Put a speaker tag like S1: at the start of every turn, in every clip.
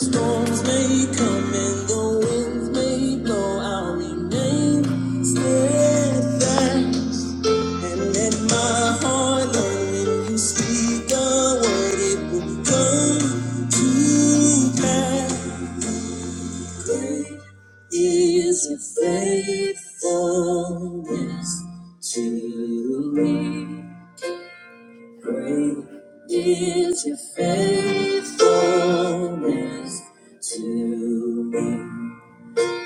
S1: Storms may come and the winds may blow, I'll remain steadfast. And let my heart learn when you speak a word, it will come to pass. Great Is your faithfulness to me? Great is your faithfulness to me.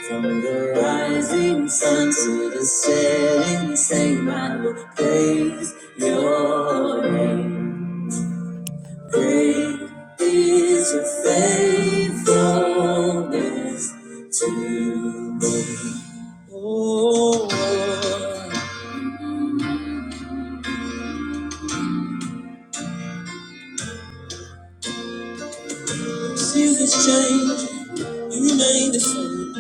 S1: From the rising sun to the setting sun, I will praise your name. Great is your faithfulness to me. Oh, seasons change, you remain the same.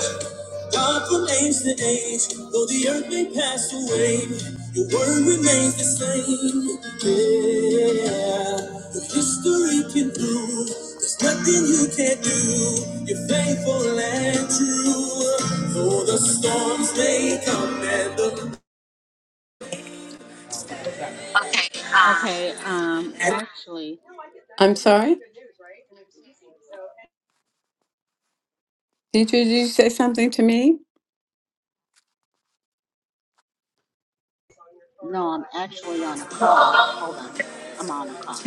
S1: Yeah. God proclaims the age, though the earth may pass away, your word remains the same. Yeah, if history can prove there's nothing you can't do, you're faithful and true. Though the storms may come and the
S2: Okay, um, actually,
S1: I'm sorry? Did you, did you say something to me?
S2: no, I'm actually on a call. Hold on. I'm on a call.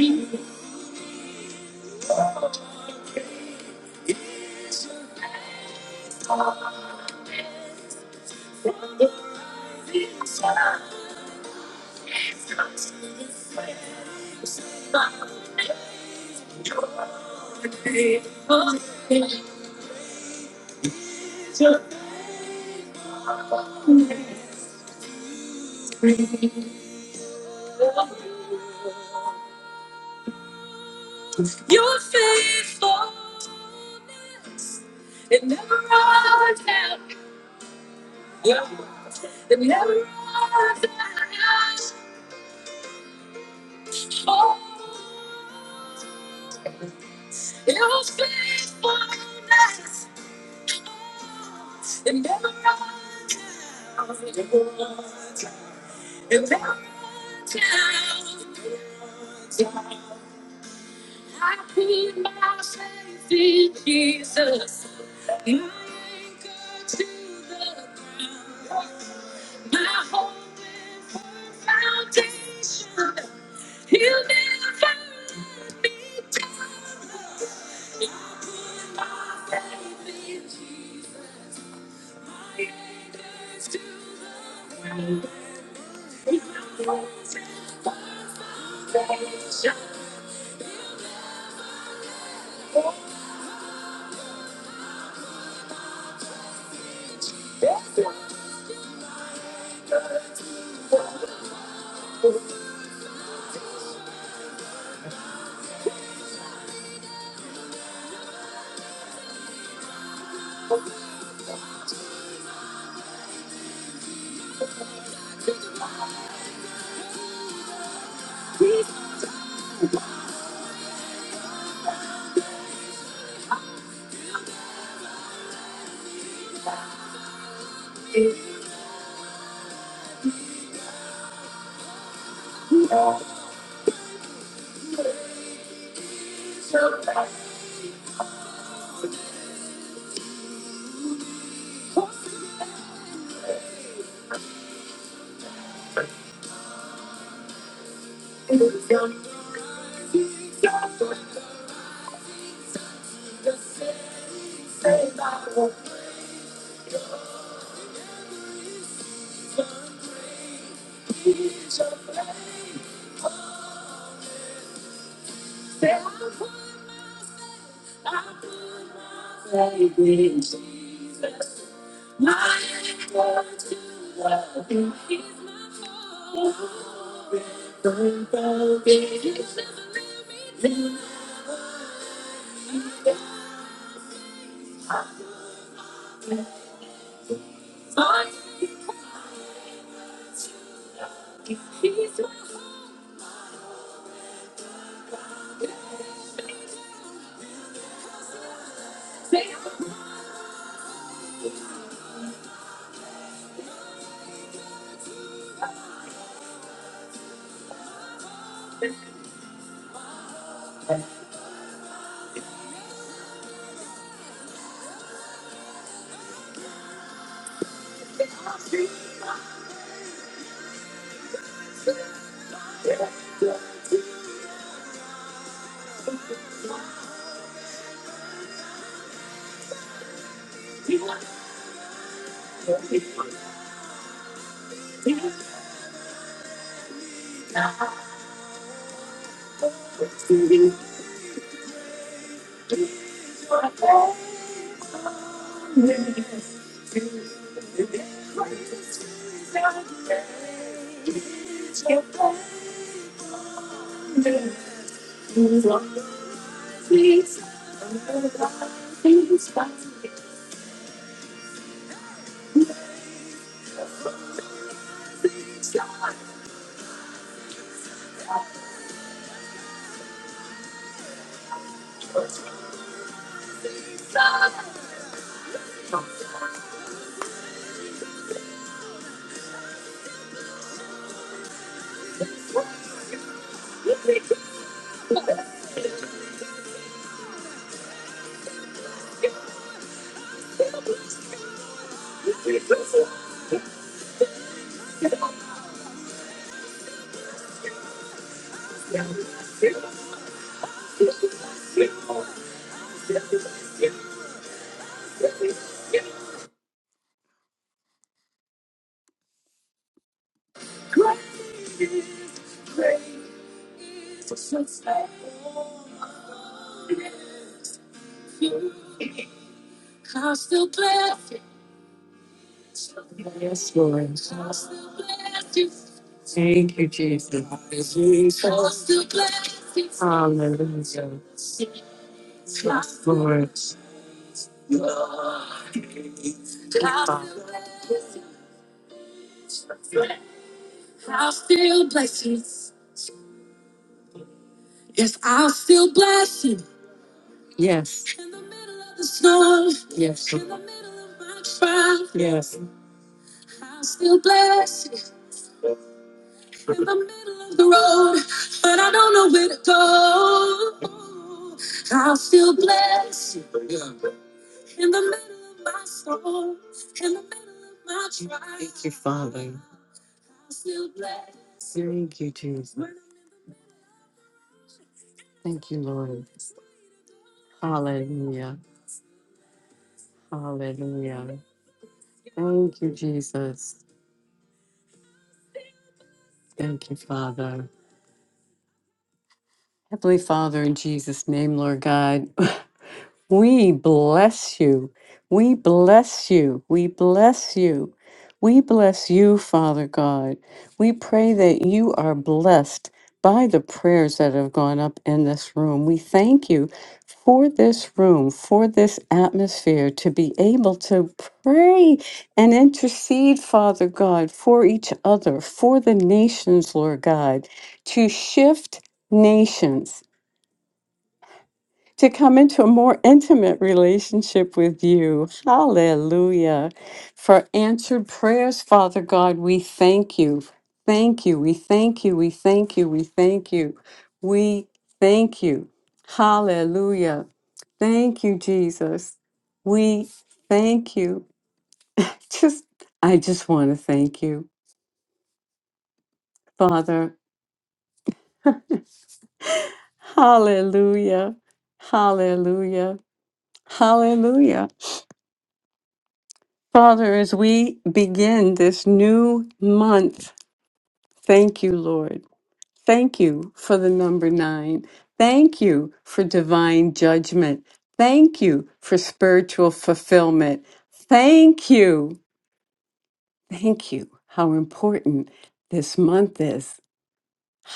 S1: Thank you, Jesus. Hallelujah. Lord. Yes, yes, yes. Father. Thank you, Jesus. Thank you, Lord. Hallelujah. Hallelujah. Thank you, Jesus. Thank you, Father. Heavenly Father, in Jesus' name, Lord God, We bless you. We bless you. We bless you. We bless you, Father God. We pray that you are blessed by the prayers that have gone up in this room. We thank you for this room, for this atmosphere, to be able to pray and intercede, Father God, for each other, for the nations, Lord God, to shift nations to come into a more intimate relationship with you. Hallelujah. For answered prayers, Father God, we thank you. Thank you. We thank you. We thank you. We thank you. We thank you. Hallelujah. Thank you, Jesus. We thank you. Just, I just want to thank you, Father. Hallelujah. Hallelujah. Hallelujah. Father, as we begin this new month, thank you, Lord. Thank you for the number nine. Thank you for divine judgment. Thank you for spiritual fulfillment. Thank you. Thank you. How important this month is.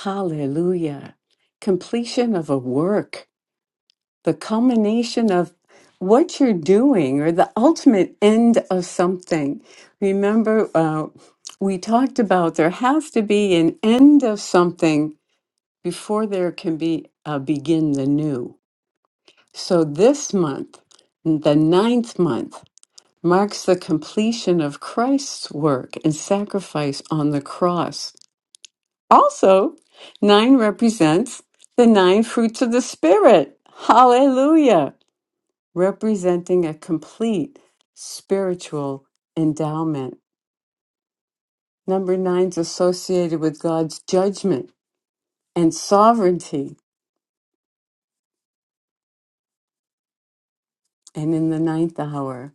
S1: Hallelujah. Completion of a work. the culmination of what you're doing or the ultimate end of something. Remember, uh, we talked about there has to be an end of something before there can be a begin the new. So this month, the ninth month, marks the completion of Christ's work and sacrifice on the cross. Also, nine represents the nine fruits of the Spirit. Hallelujah representing a complete spiritual endowment. Number nine is associated with God's judgment and sovereignty. And in the ninth hour,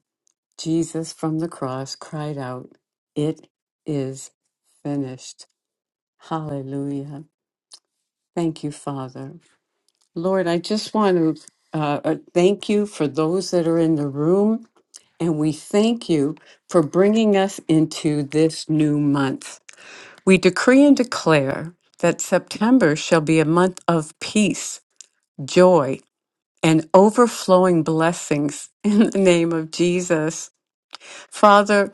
S1: Jesus from the cross cried out, It is finished. Hallelujah. Thank you, Father. Lord, I just want to uh, uh, thank you for those that are in the room, and we thank you for bringing us into this new month. We decree and declare that September shall be a month of peace, joy, and overflowing blessings in the name of Jesus. Father,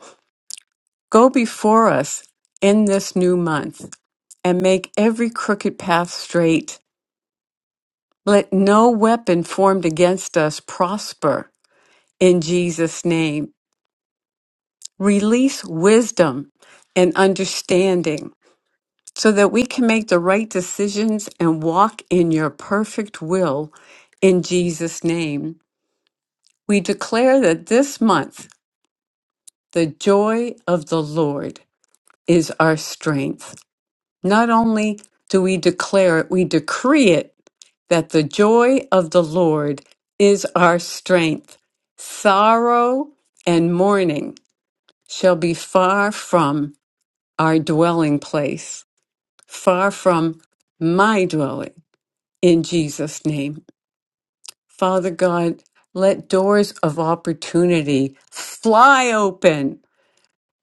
S1: go before us in this new month and make every crooked path straight. Let no weapon formed against us prosper in Jesus' name. Release wisdom and understanding so that we can make the right decisions and walk in your perfect will in Jesus' name. We declare that this month, the joy of the Lord is our strength. Not only do we declare it, we decree it that the joy of the Lord is our strength. Sorrow and mourning shall be far from our dwelling place, far from my dwelling. in Jesus' name. Father God, let doors of opportunity fly open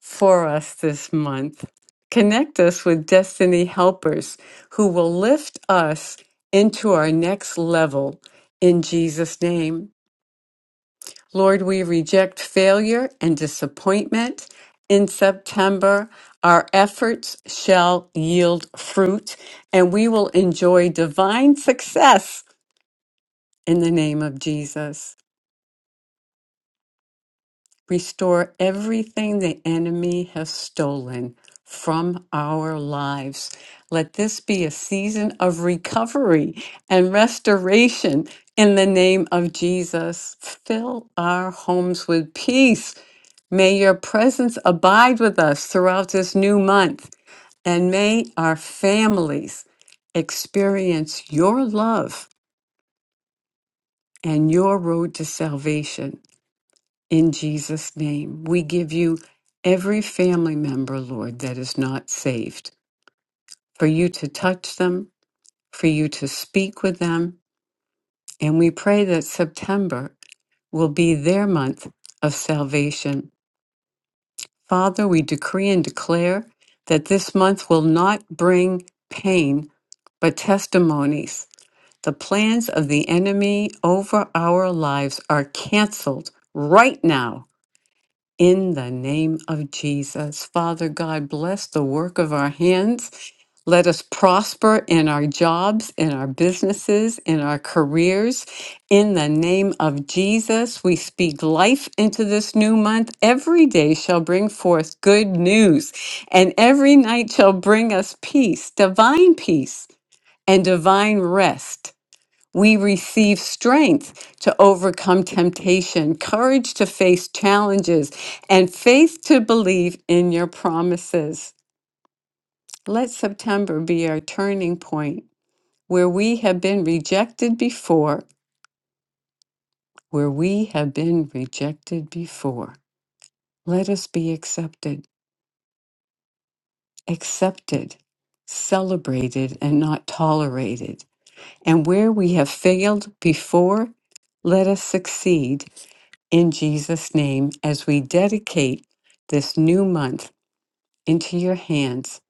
S1: for us this month. Connect us with destiny helpers who will lift us into our next level in Jesus' name. Lord, we reject failure and disappointment. In September, our efforts shall yield fruit, and we will enjoy divine success in the name of Jesus. Restore everything the enemy has stolen from our lives. Let this be a season of recovery and restoration in the name of Jesus. Fill our homes with peace. May your presence abide with us throughout this new month, and may our families experience your love and your road to salvation. In Jesus' name, we give you every family member, Lord, that is not saved, for you to touch them, for you to speak with them. And we pray that September will be their month of salvation. Father, we decree and declare that this month will not bring pain, but testimonies. The plans of the enemy over our lives are canceled right now In the name of Jesus, Father God, bless the work of our hands. Let us prosper in our jobs, in our businesses, in our careers. In the name of Jesus, we speak life into this new month. Every day shall bring forth good news, and every night shall bring us peace, divine peace, and divine rest. We receive strength to overcome temptation, courage to face challenges, and faith to believe in your promises. Let September be our turning point where we have been rejected before, where we have been rejected before. Let us be accepted, accepted, celebrated, and not tolerated. And where we have failed before, let us succeed in Jesus' name, as we dedicate this new month into your hands,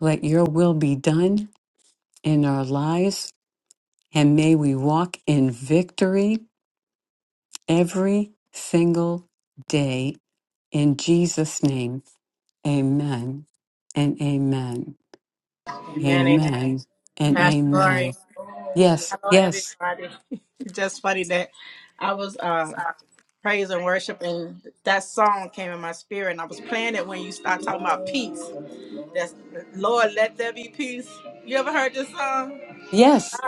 S1: let your will be done in our lives, and may we walk in victory every single day. In Jesus' name, amen and amen.
S3: Amen. amen.
S1: Amen Amen. and
S3: Pastor
S1: amen.
S3: Lori.
S1: Yes,
S3: Hello,
S1: yes,
S3: everybody. It's Just funny that I was uh, praise and worship, and that song came in my spirit, and I was playing it when you start talking about peace. That's Lord, let there be peace. You ever heard this song?
S1: yes.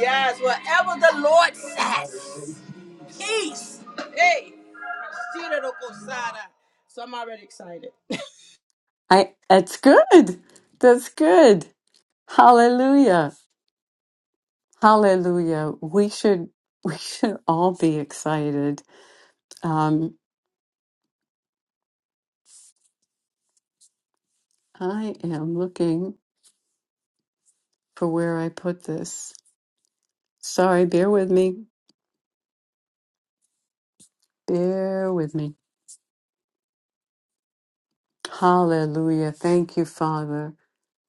S3: Yes, whatever the Lord says, peace. Hey, so I'm already excited.
S1: I, that's good. That's good. Hallelujah. Hallelujah. We should we should all be excited. Um, I am looking for where I put this. Sorry, bear with me. Bear with me. Hallelujah. Thank you, Father.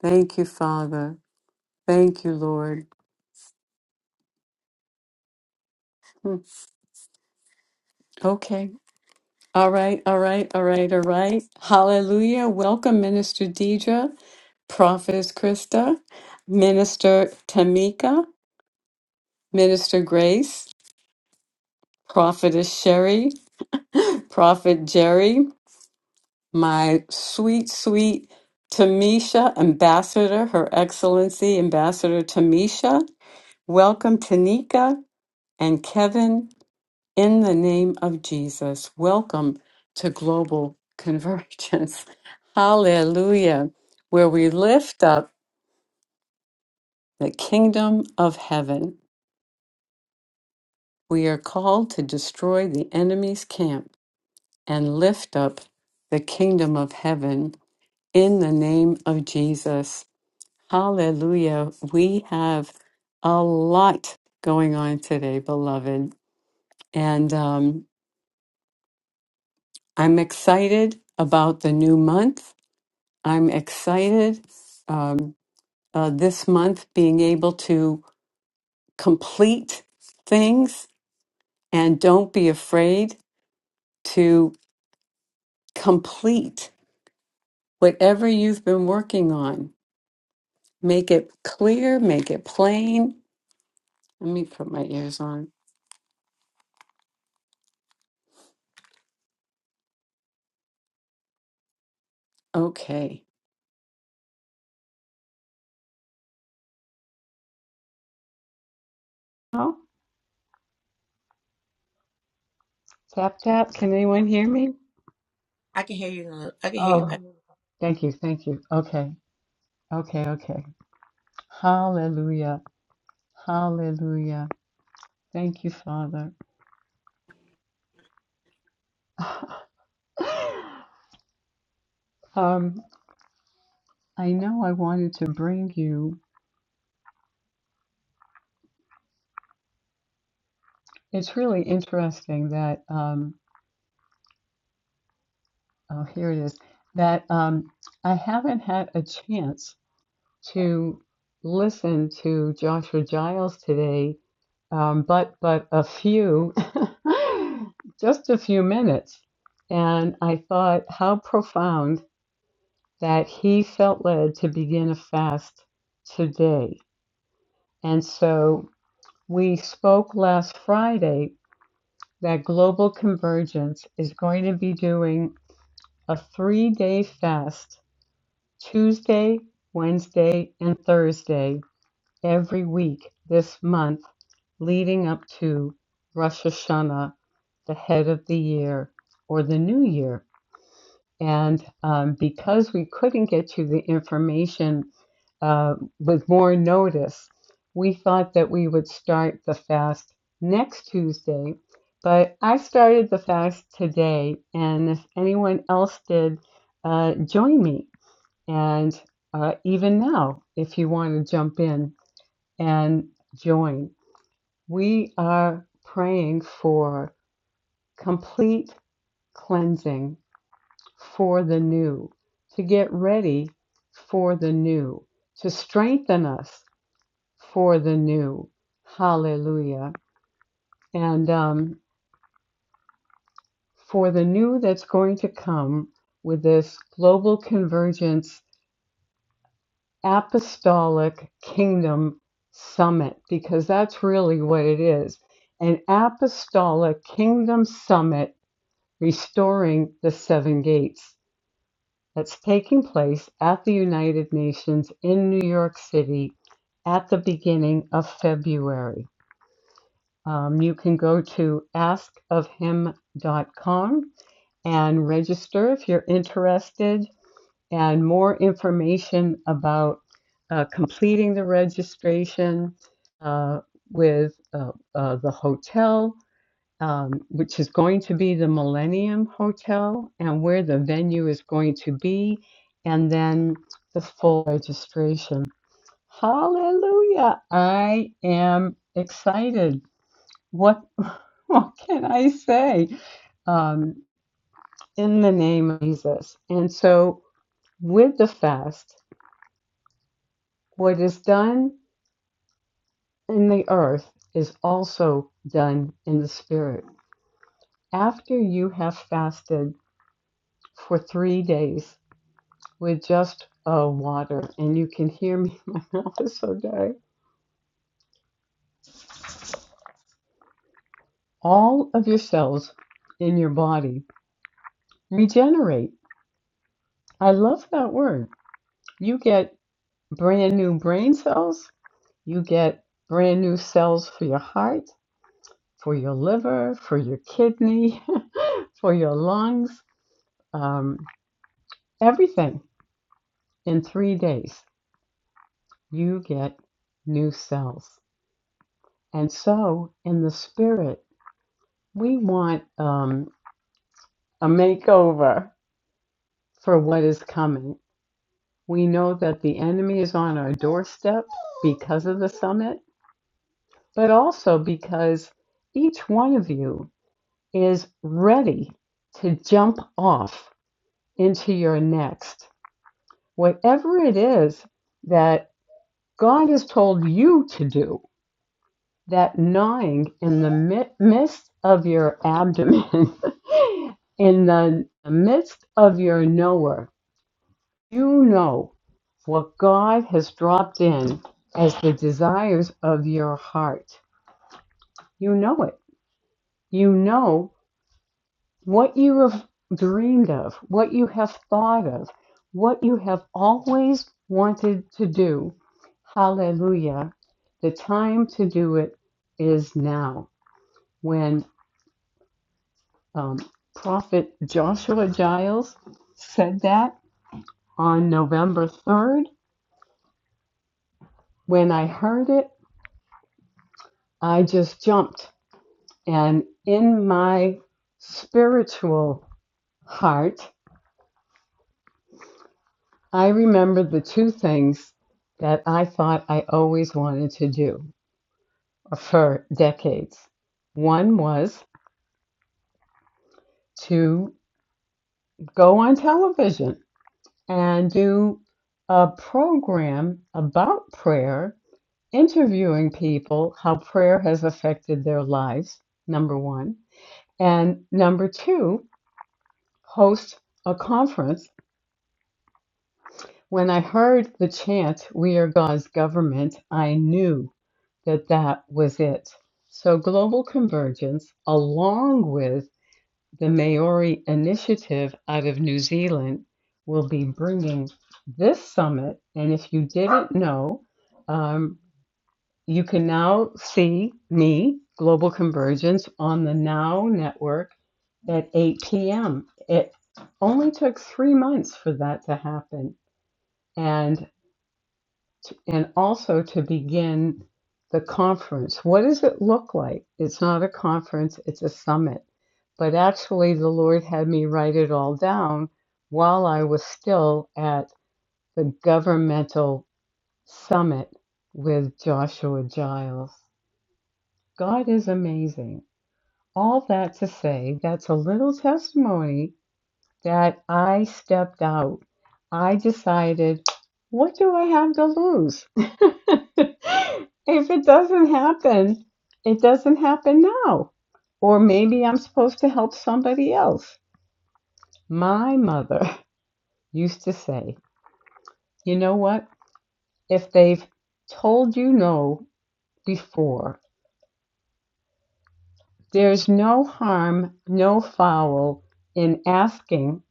S1: Thank you, Father. Thank you, Lord. Hmm. Okay. All right, all right, all right, all right. Hallelujah. Welcome, Minister Deidre, Prophetess Krista, Minister Tamika, Minister Grace, Prophetess Sherry, Prophet Jerry, my sweet, sweet Tamisha Ambassador, Her Excellency Ambassador Tamisha. Welcome, Tanika and Kevin, in the name of Jesus. Welcome to Global Convergence. Hallelujah, where we lift up the kingdom of heaven. We are called to destroy the enemy's camp and lift up the kingdom of heaven in the name of Jesus. Hallelujah. We have a lot going on today, beloved. And um, I'm excited about the new month. I'm excited um, uh, this month being able to complete things and don't be afraid to complete whatever you've been working on. Make it clear, make it plain. Let me put my ears on. Okay. Well, Tap tap. Can anyone hear me?
S3: I can hear you. uh, I can hear you,
S1: Oh,
S3: Pastor.
S1: thank you, thank you. Okay, okay, okay. Hallelujah, hallelujah. Thank you, Father. um, I know I wanted to bring you. It's really interesting that um, oh, here it is. That um, I haven't had a chance to listen to Joshua Giles today um, but but a few, just a few minutes. And I thought how profound that he felt led to begin a fast today. And so we spoke last Friday that Global Convergence is going to be doing a three day fast Tuesday, Wednesday, and Thursday every week this month leading up to Rosh Hashanah, the head of the year or the new year. And um, because we couldn't get you the information uh, with more notice, we thought that we would start the fast next Tuesday. But I started the fast today, and if anyone else did, uh, join me. And uh, even now, if you want to jump in and join. We are praying for complete cleansing for the new, to get ready for the new, to strengthen us for the new. Hallelujah. And um, for the new that's going to come with this global convergence apostolic kingdom summit, because that's really what it is an apostolic kingdom summit Restoring the Seven Gates that's taking place at the United Nations in New York City at the beginning of February. Um, you can go to askofhim.com and register if you're interested, and more information about uh, completing the registration uh, with uh, uh, the hotel um, which is going to be the Millennium Hotel and where the venue is going to be, and then the full registration. Hallelujah! I am excited. What what can I say? Um, in the name of Jesus. And so, with the fast, what is done in the earth is also done in the spirit. After you have fasted for three days, with just uh, water, and you can hear me. My mouth is so dry. All of your cells in your body regenerate. I love that word. You get brand new brain cells. You get brand new cells for your heart, for your liver, for your kidney, for your lungs, um, everything. In three days, you get new cells. And so, in the spirit, we want. Um, A makeover for what is coming. We know that the enemy is on our doorstep because of the summit, but also because each one of you is ready to jump off into your next. Whatever it is that God has told you to do, that gnawing in the midst of your abdomen, in the midst of your knower, you know For God has dropped in as the desires of your heart. You know it. You know what you have dreamed of, what you have thought of, what you have always wanted to do. Hallelujah. The time to do it is now. When um, Prophet Joshua Giles said that on November 3rd, when I heard it, I just jumped And in my spiritual heart, I remembered the two things that I thought I always wanted to do for decades. One was to go on television and do a program about prayer, interviewing people, how prayer has affected their lives, number one. And number two, host a conference When I heard the chant, We are God's government, I knew that that was it. So, global convergence, along with the Maori initiative out of New Zealand, will be bringing this summit. And if you didn't know, um, you can now see me, Global Convergence, on the Now Network at 8 p.m. It only took three months for that to happen. And t- and also to begin the conference. What does it look like? It's not a conference, it's a summit. But actually, the Lord had me write it all down while I was still at the governmental summit with Joshua Giles. God is amazing. All that to say, that's a little testimony that I stepped out. I decided, what do I have to lose? if it doesn't happen, it doesn't happen now. Or maybe I'm supposed to help somebody else. My mother used to say, you know what? If they've told you no before, there's no harm, no foul in asking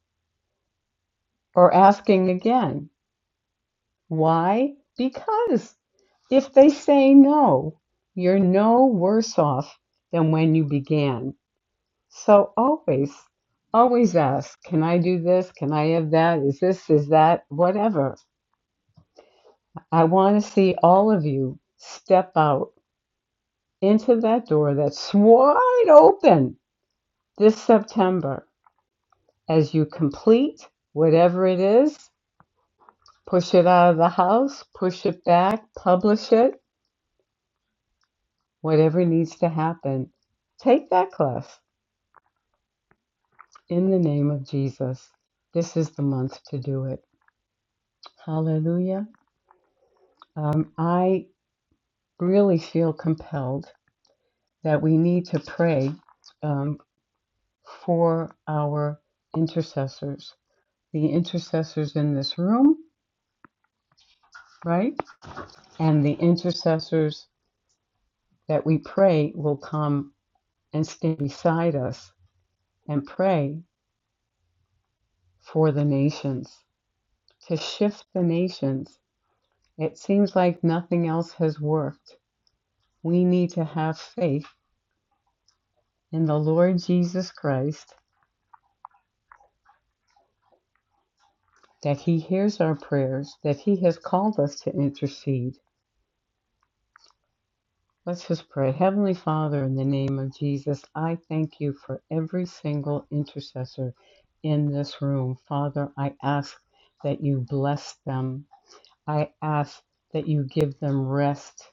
S1: or asking again. Why? Because If they say no, you're no worse off than when you began. So always, always ask, can I do this? Can I have that? Is this, is that, whatever. I want to see all of you step out into that door that's wide open this September as you complete whatever it is, push it out of the house, push it back, publish it, whatever needs to happen. Take that class In the name of Jesus, this is the month to do it. Hallelujah. Um, I really feel compelled that we need to pray um, for our intercessors, the intercessors in this room, right? And the intercessors that we pray will come and stand beside us and pray for the nations, to shift the nations. It seems like nothing else has worked we need to have faith in the Lord Jesus Christ that He hears our prayers, that He has called us to intercede. Let's just pray. Heavenly Father, in the name of Jesus, I thank you for every single intercessor in this room. Father, I ask that you bless them I ask that you give them rest.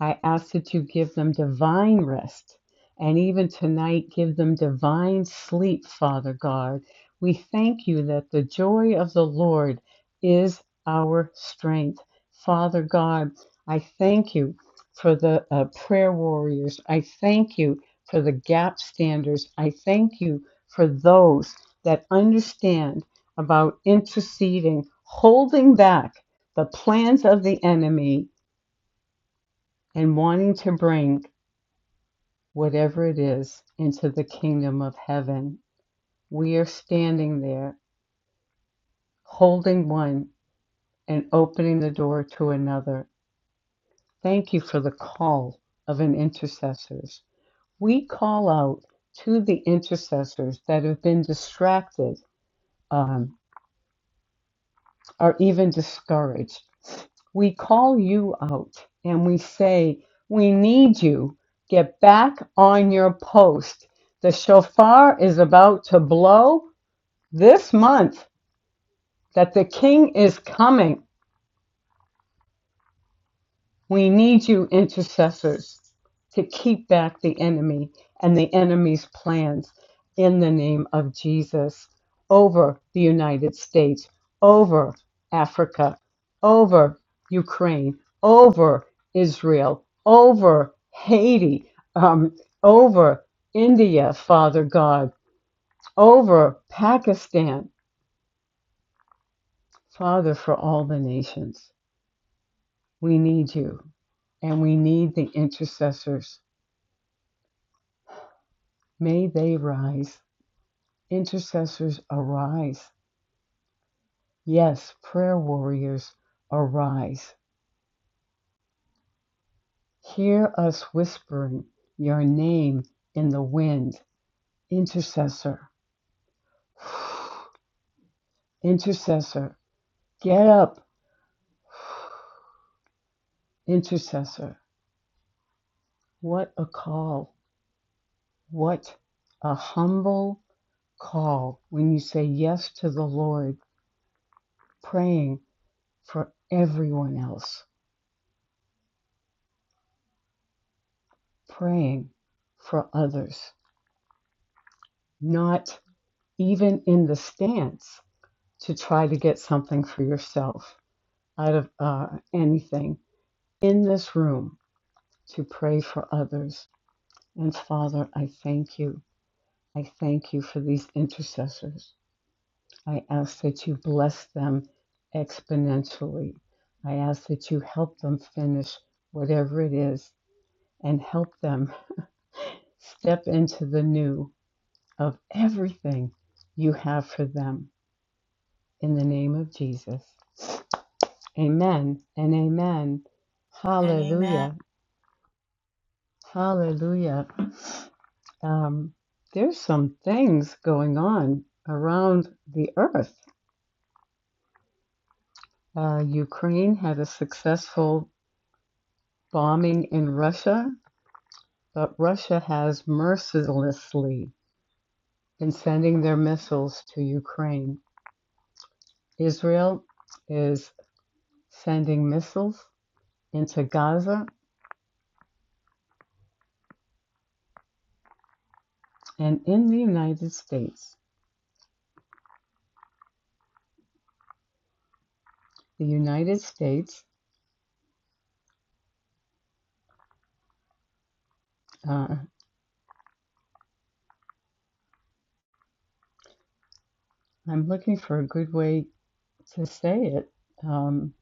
S1: I ask that you give them divine rest. And even tonight, give them divine sleep, Father God. We thank you that the joy of the Lord is our strength. Father God, I thank you for the uh, prayer warriors. I thank you for the gap standers. I thank you for those that understand about interceding, holding back the plans of the enemy and wanting to bring whatever it is into the kingdom of heaven. We are standing there holding one and opening the door to another. Thank you for the call of an intercessors. We call out to the intercessors that have been distracted um, or even discouraged, we call you out and we say, We need you. Get back on your post. The shofar is about to blow this month that the king is coming. We need you, intercessors, to keep back the enemy and the enemy's plans in the name of Jesus over the United States, over Africa, over Ukraine, over Israel, over Haiti, um, over India, Father God, over Pakistan. Father, for all the nations, we need you and we need the intercessors May they rise. Intercessors, arise. Yes, prayer warriors, arise. Hear us whispering your name in the wind. Intercessor, intercessor, get up, intercessor. What a call. What a humble call when you say yes to the Lord, praying for everyone else, praying for others, not even in the stance, to try to get something for yourself out of uh, anything in this room to pray for others. And Father, I thank you. I thank you for these intercessors. I ask that you bless them exponentially. I ask that you help them finish whatever it is and help them step into the new of everything you have for them. In the name of Jesus. Amen and amen.
S3: Amen. amen.
S1: Hallelujah. Hallelujah. Um, there's some things going on around the earth. Uh, Ukraine had a successful bombing in Russia, but Russia has mercilessly been sending their missiles to Ukraine. Israel is sending missiles into Gaza and in the United States. The United States. uh, I'm looking for a good way to say it. Um,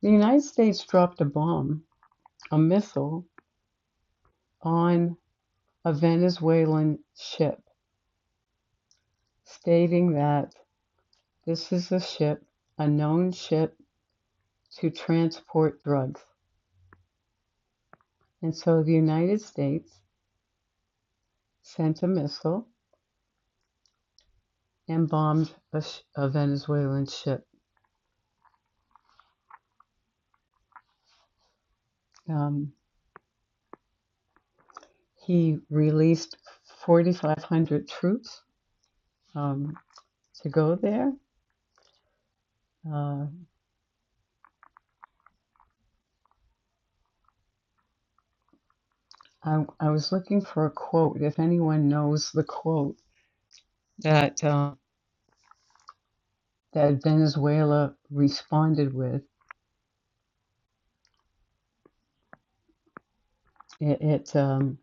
S1: the United States dropped a bomb, a missile, on a Venezuelan ship, stating that this is a ship, a known ship to transport drugs. And so the United States sent a missile and bombed a, sh- a Venezuelan ship. Um, he released 4,500 troops um, to go there. Uh, I, I was looking for a quote, if anyone knows the quote that uh, that Venezuela responded with. It, it um,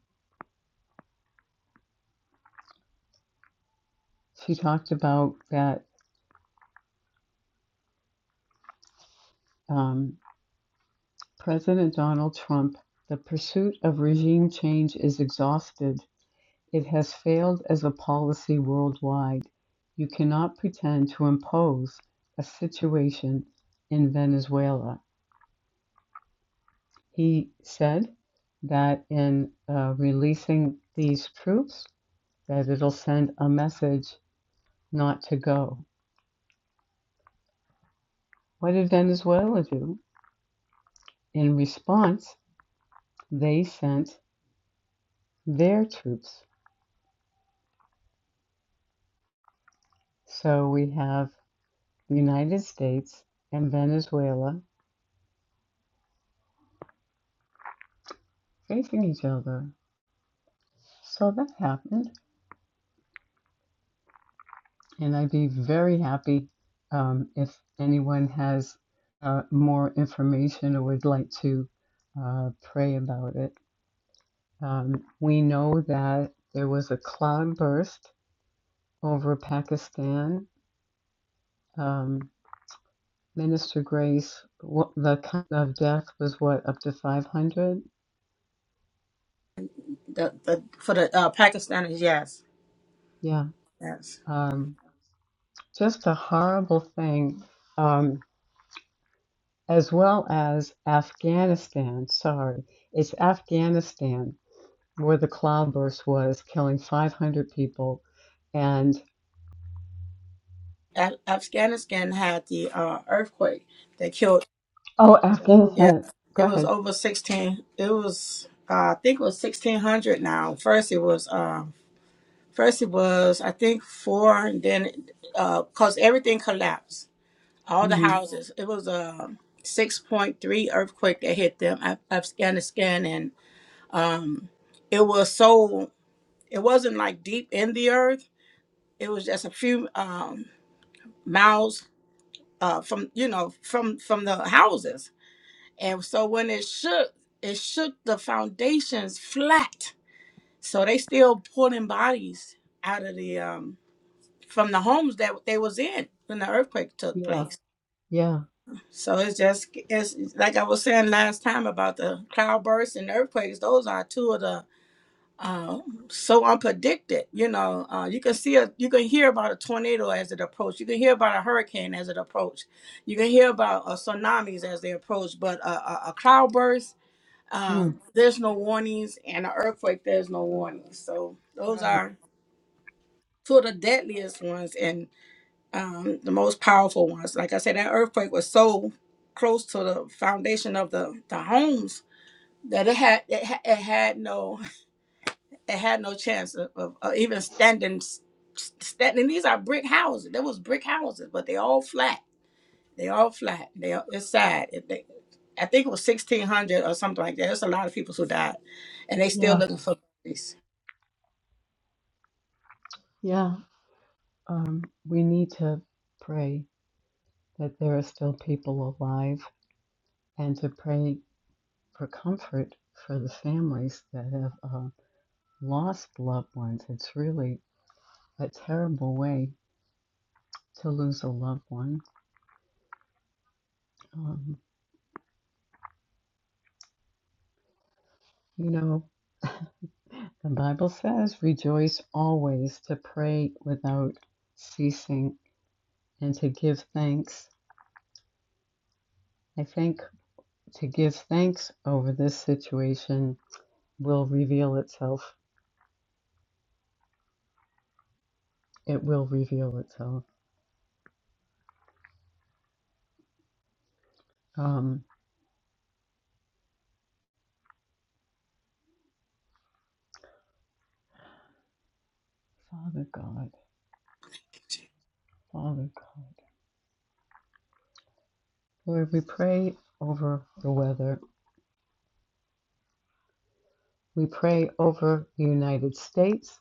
S1: she talked about that um, President Donald Trump, the pursuit of regime change is exhausted. It has failed as a policy worldwide. You cannot pretend to impose a situation in Venezuela. He said that in uh, releasing these troops. that it'll send a message not to go. What did Venezuela do? In response, they sent their troops. So we have the United States and Venezuela facing each other. So that happened, and I'd be very happy um, if anyone has uh, more information or would like to uh, pray about it. Um, we know that there was a cloud burst over Pakistan Um, Minister Grace, what, the count of death was what, up to 500?
S3: The, the, for the uh, Pakistanis, yes,
S1: Yeah.
S3: yes.
S1: Um, just a horrible thing, um, as well as Afghanistan. Sorry, it's Afghanistan where the cloudburst was, killing 500 people. And,
S3: Af- Afghanistan had the uh, earthquake that killed.
S1: oh,
S3: Yeah,
S1: Afghanistan. Go
S3: it was
S1: ahead.
S3: over sixteen. It was uh, I think it was sixteen hundred. Now, first it was um, first it was I think four. And then because everything collapsed, all the
S1: hmm
S3: houses. It was a six point three earthquake that hit them Af- Afghanistan, and it was so. It wasn't like deep in the earth. It was just a few um, miles uh, from you know from from the houses And so when it shook, it shook the foundations flat. So they still pulling bodies out of the um from the homes that they was in when the earthquake took
S1: Yeah.
S3: place.
S1: Yeah.
S3: So it's just it's it's like I was saying last time about the cloudbursts and earthquakes. Those are two of the uh, so unpredicted. You know, uh, you can see a you can hear about a tornado as it approaches. You can hear about a hurricane as it approaches. You can hear about uh, tsunamis as they approach. But a, a, a cloudburst uh,
S1: Mm.
S3: there's no warnings, and an earthquake, there's no warnings. So those
S1: Right.
S3: are two of the deadliest ones and um, the most powerful ones. Like I said, that earthquake was so close to the foundation of the, the homes that it had it, ha- it had no it had no chance of, of, of even standing s- s- standing. These are brick houses. There was brick houses, but they all flat They all flat. They all, it's sad. It- they- I think it was sixteen hundred or something like that. There's a lot of people who died, and they still
S1: Yeah.
S3: looking for bodies.
S1: Yeah. Um, we need to pray that there are still people alive and to pray for comfort for the families that have uh, lost loved ones. It's really a terrible way to lose a loved one. Um, you know, the Bible says, rejoice always, to pray without ceasing, and to give thanks. I think to give thanks over this situation will reveal itself. It will reveal itself. Um, Father God, Father God, Lord, we pray over the weather. We pray over the United States,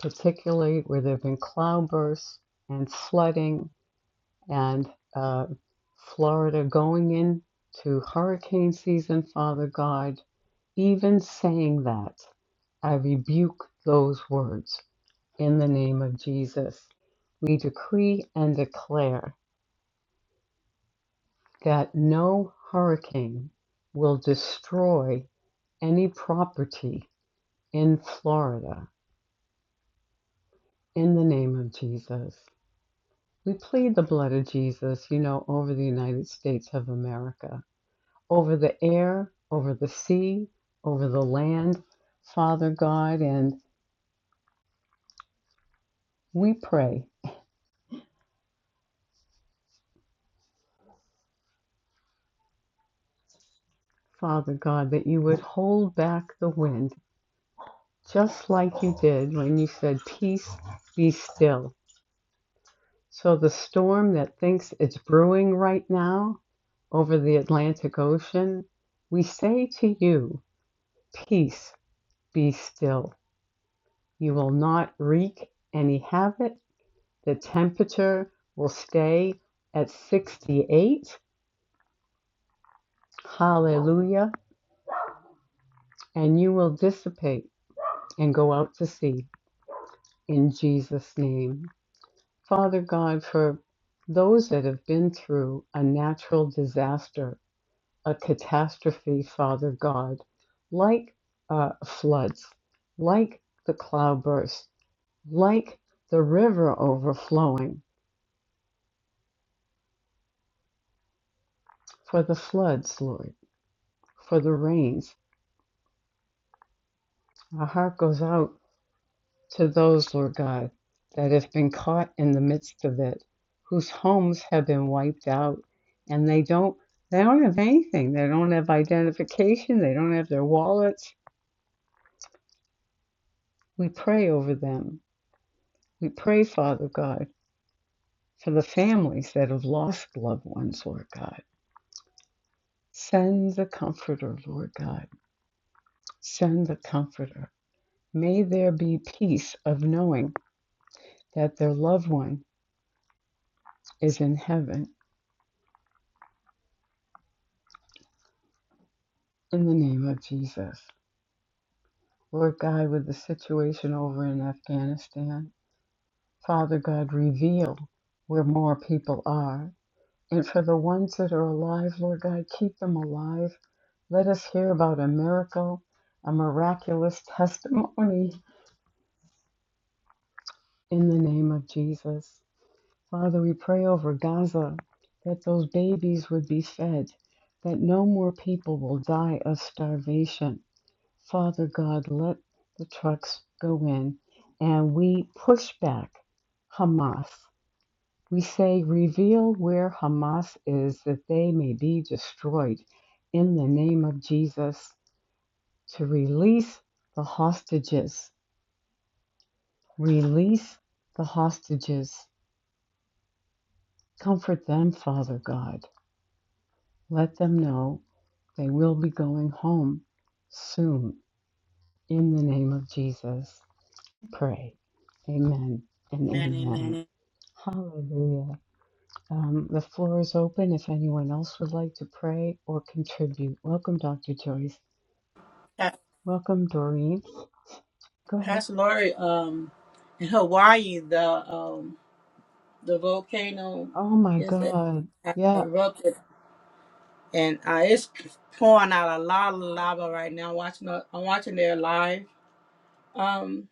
S1: particularly where there have been cloudbursts and flooding, and uh, Florida going into hurricane season, Father God. Even saying that, I rebuke those words. In the name of Jesus, we decree and declare that no hurricane will destroy any property in Florida in the name of Jesus. We plead the blood of Jesus, you know, over the United States of America, over the air, over the sea, over the land, Father God. And we pray, Father God, that you would hold back the wind just like you did when you said, Peace be still. So, the storm that thinks it's brewing right now over the Atlantic Ocean, we say to you, Peace be still. You will not wreak any havoc. The temperature will stay at 68. Hallelujah. And you will dissipate and go out to sea in Jesus' name. Father God, for those that have been through a natural disaster, a catastrophe, Father God, like uh, floods, like the cloudburst, like the river overflowing, for the floods, Lord, for the rains. Our heart goes out to those, Lord God, that have been caught in the midst of it, whose homes have been wiped out, and they don't they don't have anything. They don't have identification. They don't have their wallets. We pray over them. We pray, Father God, for the families that have lost loved ones, Lord God. Send the comforter, Lord God. Send the comforter. May there be peace of knowing that their loved one is in heaven in the name of Jesus. Lord God, with the situation over in Afghanistan, Father God, reveal where more people are. And for the ones that are alive, Lord God, keep them alive. Let us hear about a miracle, a miraculous testimony in the name of Jesus. Father, we pray over Gaza that those babies would be fed, that no more people will die of starvation. Father God, let the trucks go in. And we push back Hamas. We say, reveal where Hamas is that they may be destroyed in the name of Jesus to release the hostages. Release the hostages. Comfort them, Father God. Let them know they will be going home soon in the name of Jesus. Pray. Amen and
S3: Man,
S1: amen.
S3: amen.
S1: Hallelujah. Um, the floor is open if anyone else would like to pray or contribute. Welcome, Dr. Joyce.
S3: Pa-
S1: Welcome, Doreen. Go ahead.
S3: Pastor Lori, um, in Hawaii, the um, the volcano
S1: Oh my
S3: is
S1: God.
S3: has
S1: Yeah,
S3: erupted, and uh, it's pouring out a lot of lava right now. Watching, the- I'm watching their live. Um,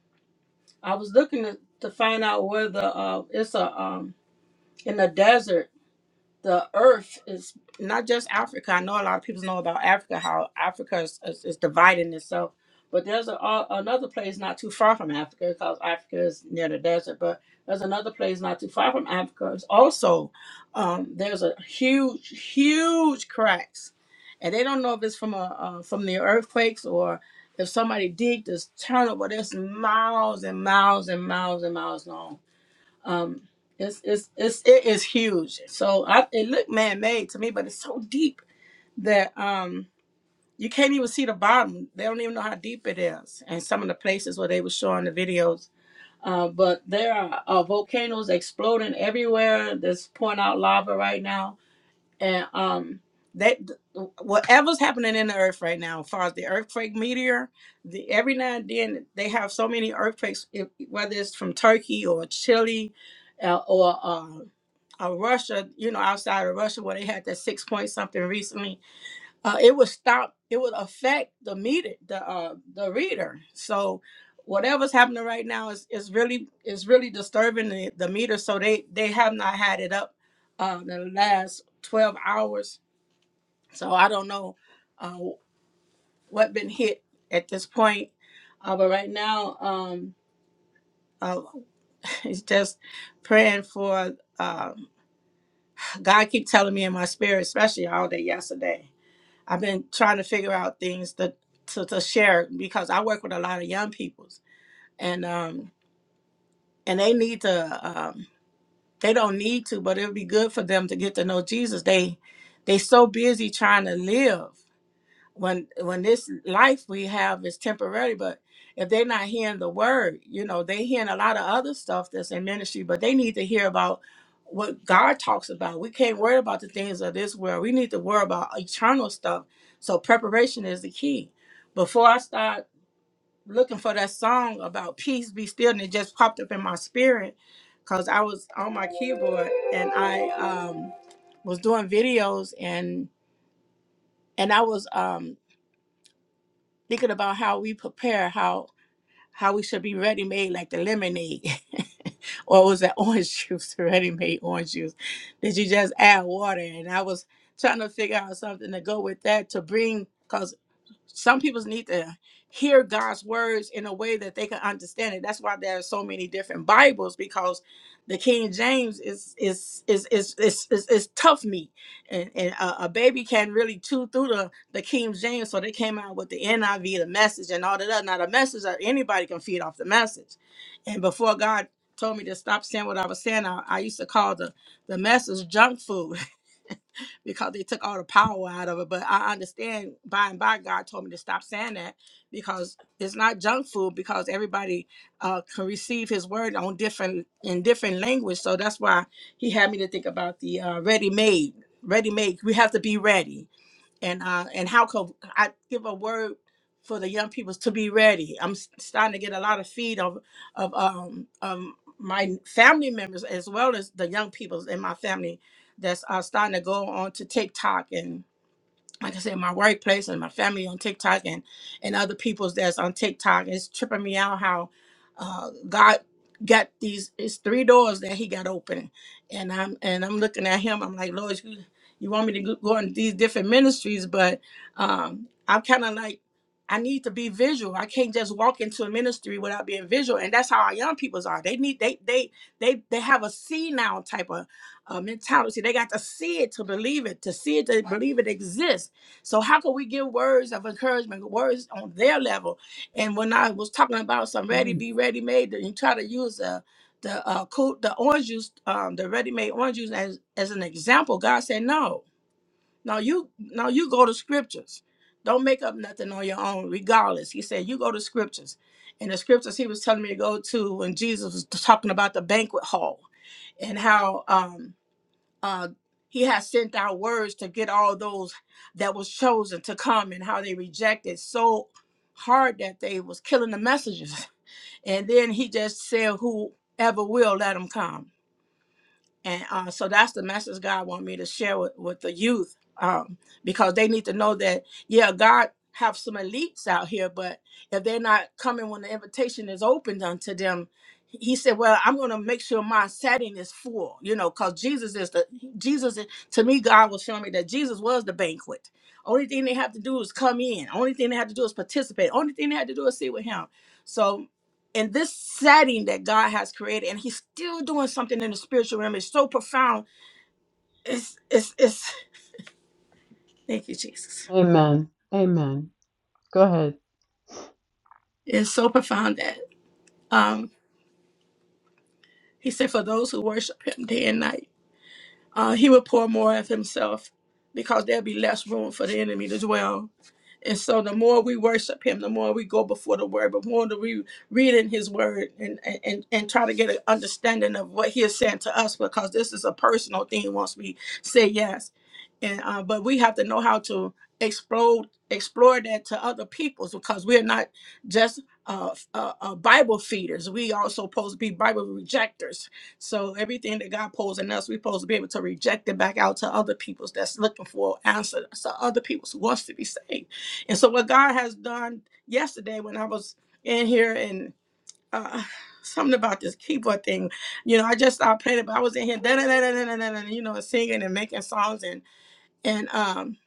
S3: I was looking to, to find out where the uh, it's a um in the desert the earth is not just Africa. I know a lot of people know about Africa, how Africa is, is, is dividing itself. But there's a, a- another place not too far from Africa because Africa is near the desert. But there's another place not too far from Africa. It's also, um, there's a huge, huge cracks. And they don't know if it's from a, uh, from the earthquakes or if somebody digged this tunnel, but it's miles and miles and miles and miles long um, it's it's it's it is huge. So I, it looked man made to me, but it's so deep that um you can't even see the bottom. They don't even know how deep it is. And some of the places where they were showing the videos. Uh, but there are uh, volcanoes exploding everywhere. That's pouring out lava right now and um that whatever's happening in the earth right now as far as the earthquake meteor the every now and then they have so many earthquakes if, whether it's from turkey or chile uh, or uh, uh, russia you know outside of russia where they had that six point something recently uh, it would stop it would affect the meter the uh the reader so whatever's happening right now is is really is really disturbing the, the meter so they they have not had it up uh the last 12 hours so i don't know uh what been hit at this point uh but right now um uh, it's just praying for uh, god keep telling me in my spirit especially all day yesterday I've been trying to figure out things to, to, to share because I work with a lot of young peoples and um and they need to um they don't need to, but it would be good for them to get to know Jesus. They they so busy trying to live when when this life we have is temporary but if they're not hearing the word you know they hearing a lot of other stuff that's in ministry but they need to hear about what god talks about we can't worry about the things of this world we need to worry about eternal stuff so preparation is the key before i start looking for that song about peace be still and it just popped up in my spirit because i was on my keyboard and i um was doing videos and and i was um thinking about how we prepare, how how we should be ready made, like the lemonade, or was that orange juice, ready made orange juice? Did you just add water? And I was trying to figure out something to go with that to bring, 'cause some people need to hear God's words in a way that they can understand it. That's why there are so many different Bibles because the King James is is is is is is, is tough meat, and, and a, a baby can really chew through the the King James. So they came out with the NIV, the Message, and all that. other. Now the Message, uh, anybody can feed off the Message, and before God told me to stop saying what I was saying, I, I used to call the the Message junk food. because they took all the power out of it. But I understand by and by God told me to stop saying that because it's not junk food because everybody uh, can receive His word on different in different language. So that's why He had me to think about the uh, ready made. Ready made. We have to be ready and uh and how could I give a word for the young people to be ready? I'm s- starting to get a lot of feed of of um um my family members as well as the young people in my family that's uh, starting to go on to TikTok and like I said, my workplace and my family on TikTok and and other people's that's on TikTok. It's tripping me out how uh, God got these it's three doors that He got open, and I'm and I'm looking at Him. I'm like, Lord, you you want me to go go in these different ministries, but um, I'm kind of like. I need to be visual. I can't just walk into a ministry without being visual, and that's how our young peoples are. They need they they they they have a see now type of uh, mentality. They got to see it to believe it, to see it to believe it exists so how can we give words of encouragement, words on their level? And when I was talking about some ready,
S1: good.
S3: be ready made, and you try to use the the uh, cool, the orange juice, um, the ready made orange juice as as an example, God said no. Now you now you go to scriptures. Don't make up nothing on your own, regardless. He said you go to scriptures. And the scriptures he was telling me to go to when Jesus was talking about the banquet hall and how um uh, he has sent out words to get all those that was chosen to come and how they rejected so hard that they was killing the messengers and then he just said whoever will let them come and uh, so that's the message God want me to share with, with the youth um, because they need to know that yeah, God have some elites out here, but if they're not coming when the invitation is opened unto them, He said, "Well, I'm going to make sure my setting is full," you know, because Jesus is the Jesus. is- To me, God was showing me that Jesus was the banquet. Only thing they have to do is come in. Only thing they have to do is participate. Only thing they have to do is sit with Him. So in this setting that God has created, and He's still doing something in the spiritual realm. It's so profound. It's it's it's. Thank you, Jesus.
S1: Amen. Amen. Go ahead.
S3: It's so profound that um, He said, "For those who worship Him day and night." uh, he would pour more of himself because there'd be less room for the enemy to dwell. And so the more we worship him, the more we go before the word, but more that we read in his word and, and, and try to get an understanding of what he is saying to us because this is a personal thing once we say yes. And uh, but we have to know how to explode explore that to other peoples because we're not just uh, uh, uh, Bible feeders. We also supposed to be Bible rejectors so everything that God pulls in us, we're supposed to be able to reject it back out to other people's that's looking for answers to other people's who wants to be saved. And so what God has done yesterday when I was in here and uh something about this keyboard thing, you know, I just I played it, but I was in here da da da da da da da, you know, singing and making songs and and um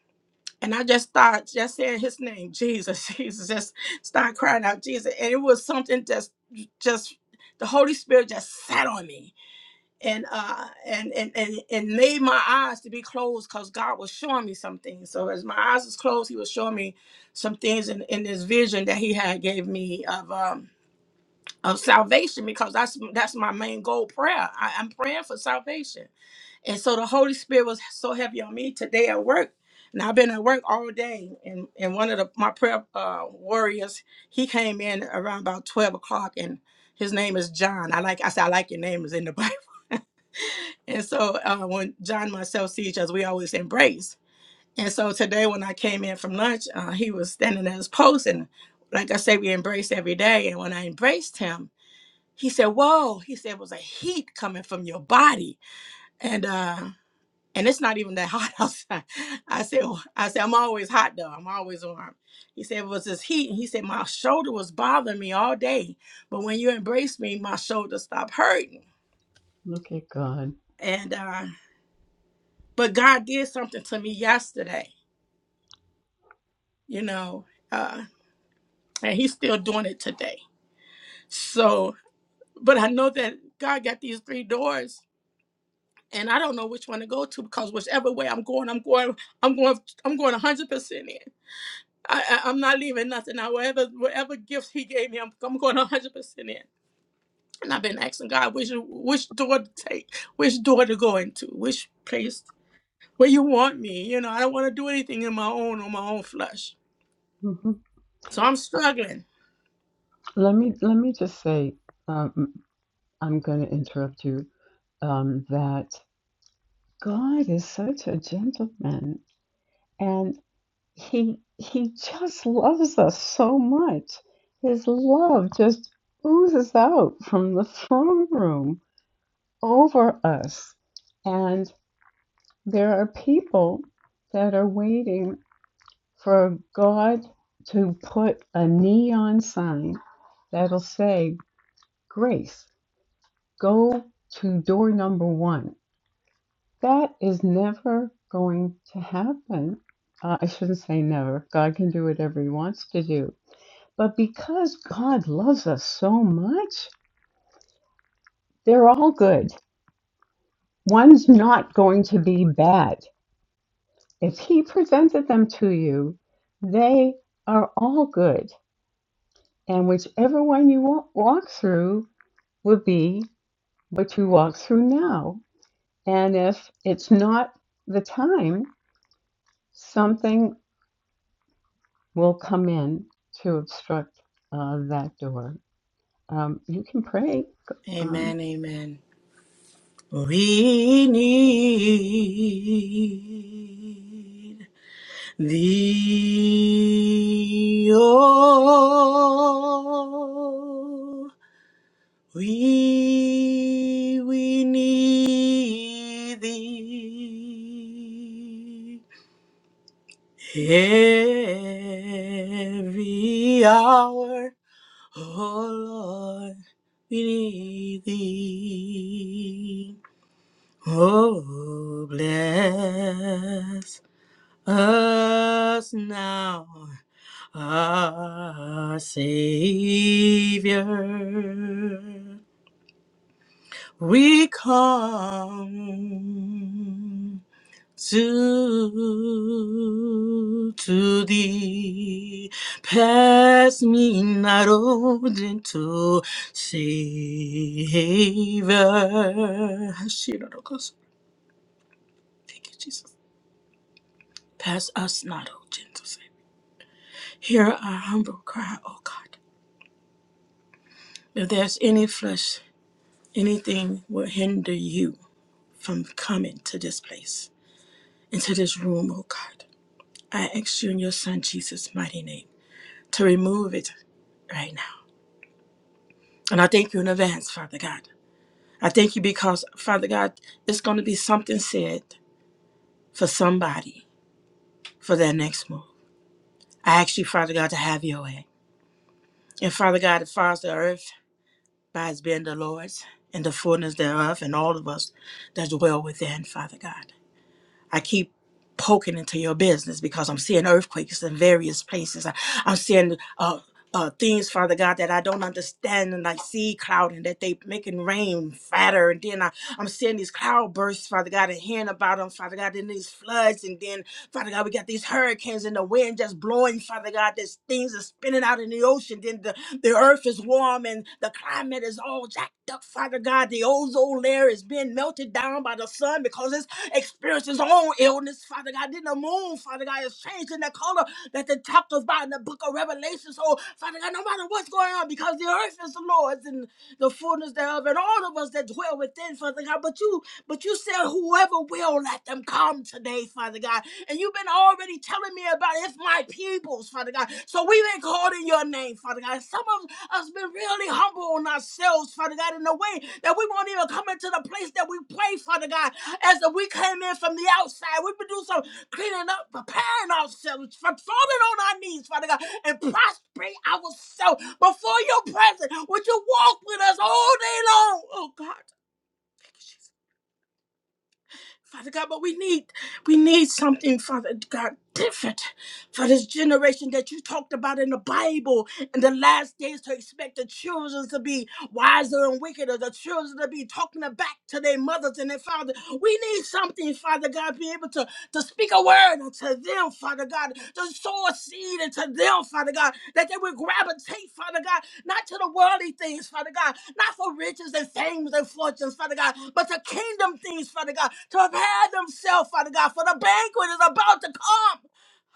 S3: and I just started just saying his name, Jesus, Jesus, just start crying out Jesus. And it was something just just the Holy Spirit just sat on me and uh and and and, and made my eyes to be closed because god was showing me something so as my eyes was closed he was showing me some things in, in this vision that he had gave me of um of salvation because that's that's my main goal prayer I, i'm praying for salvation and so the holy spirit was so heavy on me today at work and i've been at work all day and and one of the my prayer uh warriors he came in around about 12 o'clock and his name is john i like i said i like your name is in the bible And so uh, when John and myself see each other, we always embrace. And so today when I came in from lunch, uh, he was standing at his post. And like I say, we embrace every day. And when I embraced him, he said, whoa, he said, it was a heat coming from your body. And, uh, and it's not even that hot outside. I said, "Well," I said, I'm always hot though. I'm always warm. He said, it was this heat. And he said, my shoulder was bothering me all day. But when you embraced me, my shoulder stopped hurting.
S1: Look at God.
S3: And uh, but God did something to me yesterday, you know, uh, and He's still doing it today. So, but I know that God got these three doors, and I don't know which one to go to because whichever way I'm going, I'm going, I'm going, I'm going 100 percent in. I, I, I'm not leaving nothing out. Whatever, whatever gifts He gave me, I'm, I'm going 100 percent in. And I've been asking God which which door to take, which door to go into, which place where you want me. You know, I don't want to do anything in my own on my own flesh.
S1: hmm
S3: So I'm struggling
S1: Let me let me just say, um, I'm going to interrupt you. Um, that God is such a gentleman, and he he just loves us so much. His love just oozes out from the throne room over us. And there are people that are waiting for God to put a neon sign that'll say, Grace, go to door number one. That is never going to happen. Uh, I shouldn't say never. God can do whatever He wants to do But because God loves us so much, they're all good. One's not going to be bad. If He presented them to you, they are all good. And whichever one you wa- walk through will be what you walk through now. And if it's not the time, something will come in to obstruct uh, that door. Um, you can pray. Um,
S3: Amen. Amen. We need thee. Oh, we we need thee every hour. Oh Lord, we need thee. Oh, bless us now, our Savior. We come to, to thee. Pass me not, O gentle Savior. Thank you, Jesus. Pass us not, O gentle Savior. Hear our humble cry, O God. If there's any flesh, anything will hinder you from coming to this place, into this room, O God, I ask you in your Son Jesus' mighty name to remove it right now. And I thank you in advance, Father God. I thank you because, Father God, it's going to be something said for somebody for their next move. I ask you, Father God, to have your way. And Father God, as far as the earth by his being the Lord's and the fullness thereof, and all of us that dwell within, Father God. I keep poking into your business because I'm seeing earthquakes in various places. I, I'm seeing uh, uh, things, Father God, that I don't understand, and I see clouding that they making rain fatter, and then I, I'm seeing these cloud bursts, Father God, and hearing about them, Father God, and these floods, and then Father God, we got these hurricanes and the wind just blowing, Father God, there's things are spinning out in the ocean, then the, the earth is warm and the climate is all jacked up, Father God, the ozone layer is being melted down by the sun because it's experienced his own illness, Father God. Then the moon, Father God, is changing the color that the talked about in the book of Revelation. So, Father God, no matter what's going on, because the earth is the Lord's and the fullness thereof, and all of us that dwell within, Father God. But you, but you said, whoever will let them come today, Father God. And you've been already telling me about it. it's my peoples, Father God. So we've been called in your name, Father God. Some of us been really humble on ourselves, Father God. In the way that we won't even come into the place that we pray, Father God, as if we came in from the outside. We've been doing some cleaning up, preparing ourselves, falling on our knees, Father God, and prostrate ourselves before your presence. Would you walk with us all day long? Oh God. Father God, but we need we need something, Father God, different for this generation that you talked about in the Bible in the last days to expect the children to be wiser and wickeder, the children to be talking back to their mothers and their fathers. We need something, Father God, be able to to speak a word unto them, Father God, to sow a seed into them, Father God, that they would gravitate, Father God, not to the worldly things, Father God, not for riches and fames and fortunes, Father God, but to kingdom things, Father God, to prepare themselves, Father God, for the banquet is about to come.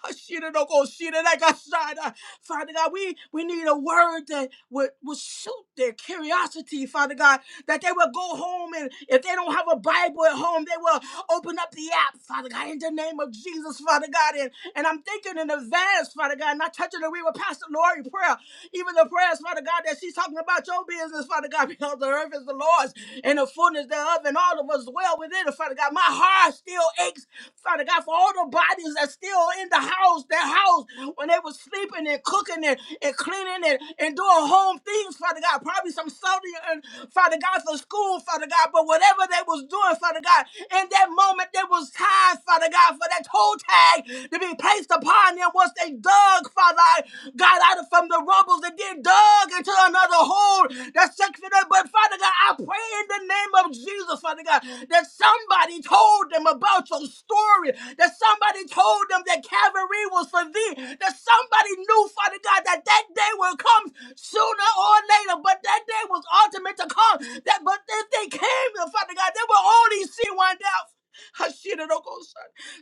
S3: Hashiroko-shiranagasada. Father God, we, we need a word that would, would suit their curiosity, Father God, that they will go home and if they don't have a Bible at home, they will open up the app, Father God, in the name of Jesus, Father God. And, and I'm thinking in advance, Father God, not touching the read with Pastor Lori prayer, even the prayers, Father God, that she's talking about your business, Father God, because the earth is the Lord's and the fullness thereof, and all of us dwell within it. Father God, my heart still aches, Father God, for all the bodies that's still in the house, their house, when they was sleeping and cooking and, and cleaning and, and doing home things, Father God, probably some Sunday and Father God for school, Father God, but whatever they was doing, Father God, in that moment there was time, Father God, for that toe tag to be placed upon them once they dug, Father. God, out of from the rubbles that they dug into another hole that sucks it up. But Father God, I pray in the name of Jesus, Father God, that somebody told them about your story, that somebody told them that Calvary was for thee, that somebody knew, Father God, that that day will come sooner or later, but that day was ultimate to come. That but if they came, Father God, they will only see one day.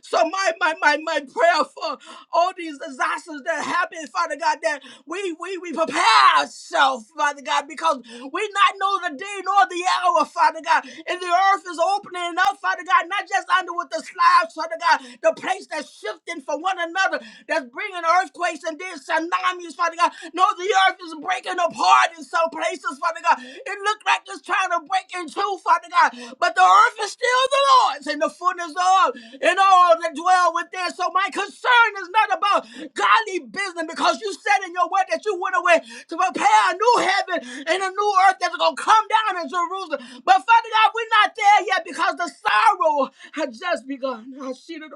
S3: So my my my my prayer for all these disasters that happen, Father God, that we we we prepare ourselves, Father God, because we not know the day nor the hour, Father God. And the earth is opening up, Father God, not just under with the slabs, Father God, the place that's shifting from one another, that's bringing earthquakes and then tsunamis, Father God. No, the earth is breaking apart in some places, places, Father God. It looked like it's trying to break into, Father God. But the earth is still the Lord's and the fullness of and all that dwell within. So my concern is not about godly business because you said in your word that you went away to prepare a new heaven and a new earth that's going to come down in Jerusalem. But Father God, we're not there yet because the sorrow had just begun. I see the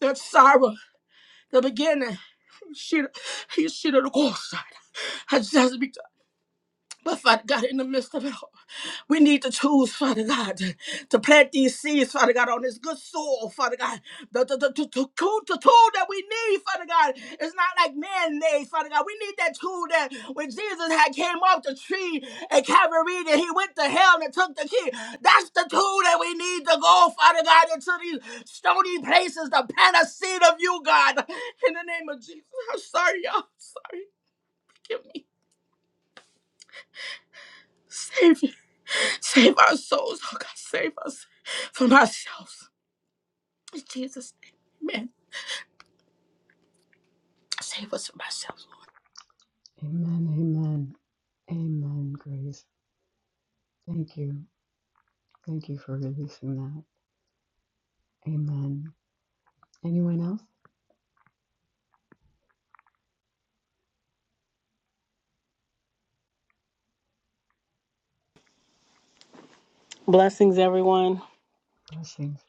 S3: That sorrow, the beginning, she, he, she, the course, had just begun. But Father God, in the midst of it all, we need to choose, Father God, to plant these seeds, Father God, on this good soil, Father God. The, the, the, the, the tool, the tool that we need, Father God, is not like man made, Father God. We need that tool that when Jesus had came off the tree at Calvary and he went to hell and took the key. That's the tool that we need to go, Father God, into these stony places to plant a seed of you, God. In the name of Jesus. I'm sorry, y'all. I'm sorry. Forgive me. Save, me, save our souls, oh God. Save us from ourselves. In Jesus' name, amen. Save us from ourselves,
S1: amen, amen, amen, Grace. Thank you. Thank you for releasing that. Amen. Anyone else?
S4: Blessings, everyone.
S1: Blessings.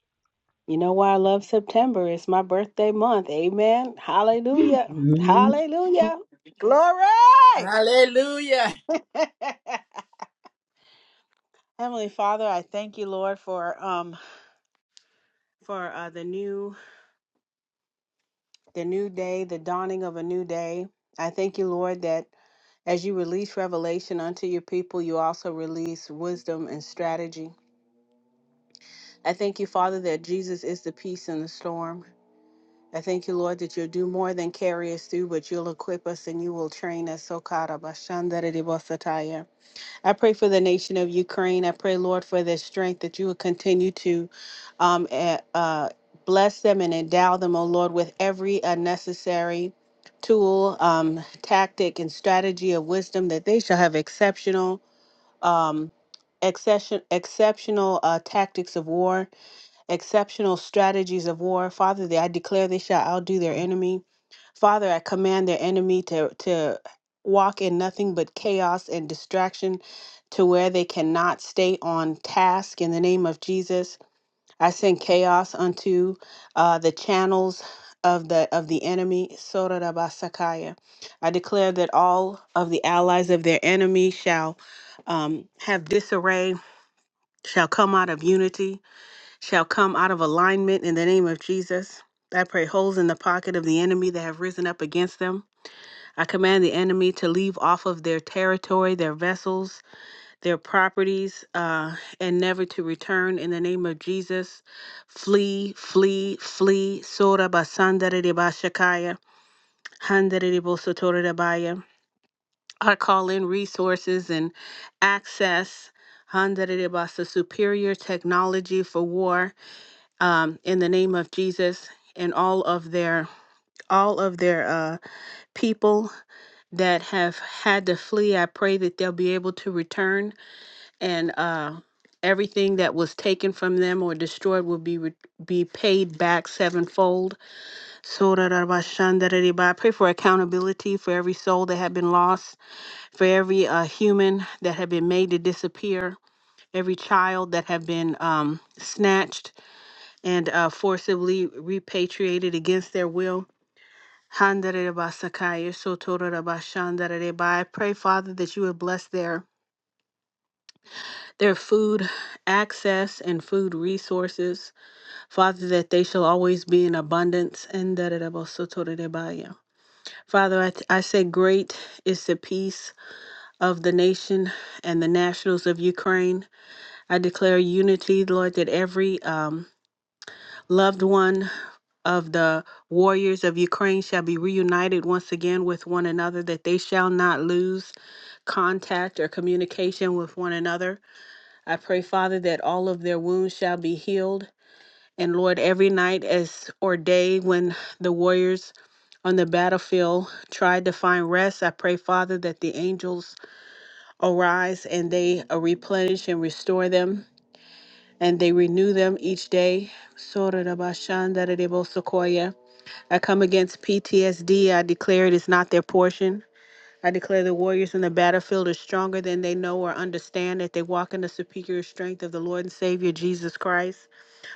S4: You know why I love September? It's my birthday month. Amen. Hallelujah. Hallelujah. Glory.
S3: Lord. Hallelujah.
S4: Heavenly Father, I thank you, Lord, for um for uh, the new the new day, the dawning of a new day. I thank you, Lord, that as you release revelation unto your people, you also release wisdom and strategy. I thank you, Father, that Jesus is the peace in the storm. I thank you, Lord, that you'll do more than carry us through, but you'll equip us and you will train us. So, God, Abba, Shandere I pray for the nation of Ukraine. I pray, Lord, for their strength that you will continue to um, eh, uh, bless them and endow them, O Lord, with every unnecessary tool, um, tactic, and strategy of wisdom that they shall have exceptional. Um, exception, exceptional uh, tactics of war exceptional strategies of war. Father, that I declare they shall outdo their enemy. Father, I command their enemy to, to walk in nothing but chaos and distraction to where they cannot stay on task in the name of Jesus. I send chaos unto uh, the channels of the of the enemy. Sorarabasakaya. I declare that all of the allies of their enemy shall um, have disarray, shall come out of unity shall come out of alignment in the name of Jesus. I pray holes in the pocket of the enemy that have risen up against them. I command the enemy to leave off of their territory, their vessels, their properties, uh, and never to return in the name of Jesus. Flee, flee, flee. Sora basandare de bashakaya, handare de bosotore de baya. I call in resources and access. handare de basa, Superior technology for war um, in the name of Jesus and all of their all of their uh, people that have had to flee. I pray that they'll be able to return and uh, everything that was taken from them or destroyed will be re- be paid back sevenfold. Sorarabashandarariba. I pray for accountability for every soul that had been lost, for every uh, human that had been made to disappear, every child that had been um, snatched and uh, forcibly repatriated against their will. Handarebasakaya, sotorabashandareba. I pray, Father, that you would bless their their food access and food resources. Father, that they shall always be in abundance. Andarabasotorebaya. Father, I, I say, Great is the peace of the nation and the nationals of Ukraine. I declare unity, Lord, that every um, loved one of the warriors of Ukraine shall be reunited once again with one another, that they shall not lose contact or communication with one another. I pray, Father, that all of their wounds shall be healed. And Lord, every night as or day when the warriors on the battlefield tried to find rest, I pray, Father, that the angels arise and they uh, replenish and restore them and they renew them each day. I come against PTSD. I declare it is not their portion. I declare the warriors in the battlefield are stronger than they know or understand that they walk in the superior strength of the Lord and Savior Jesus Christ.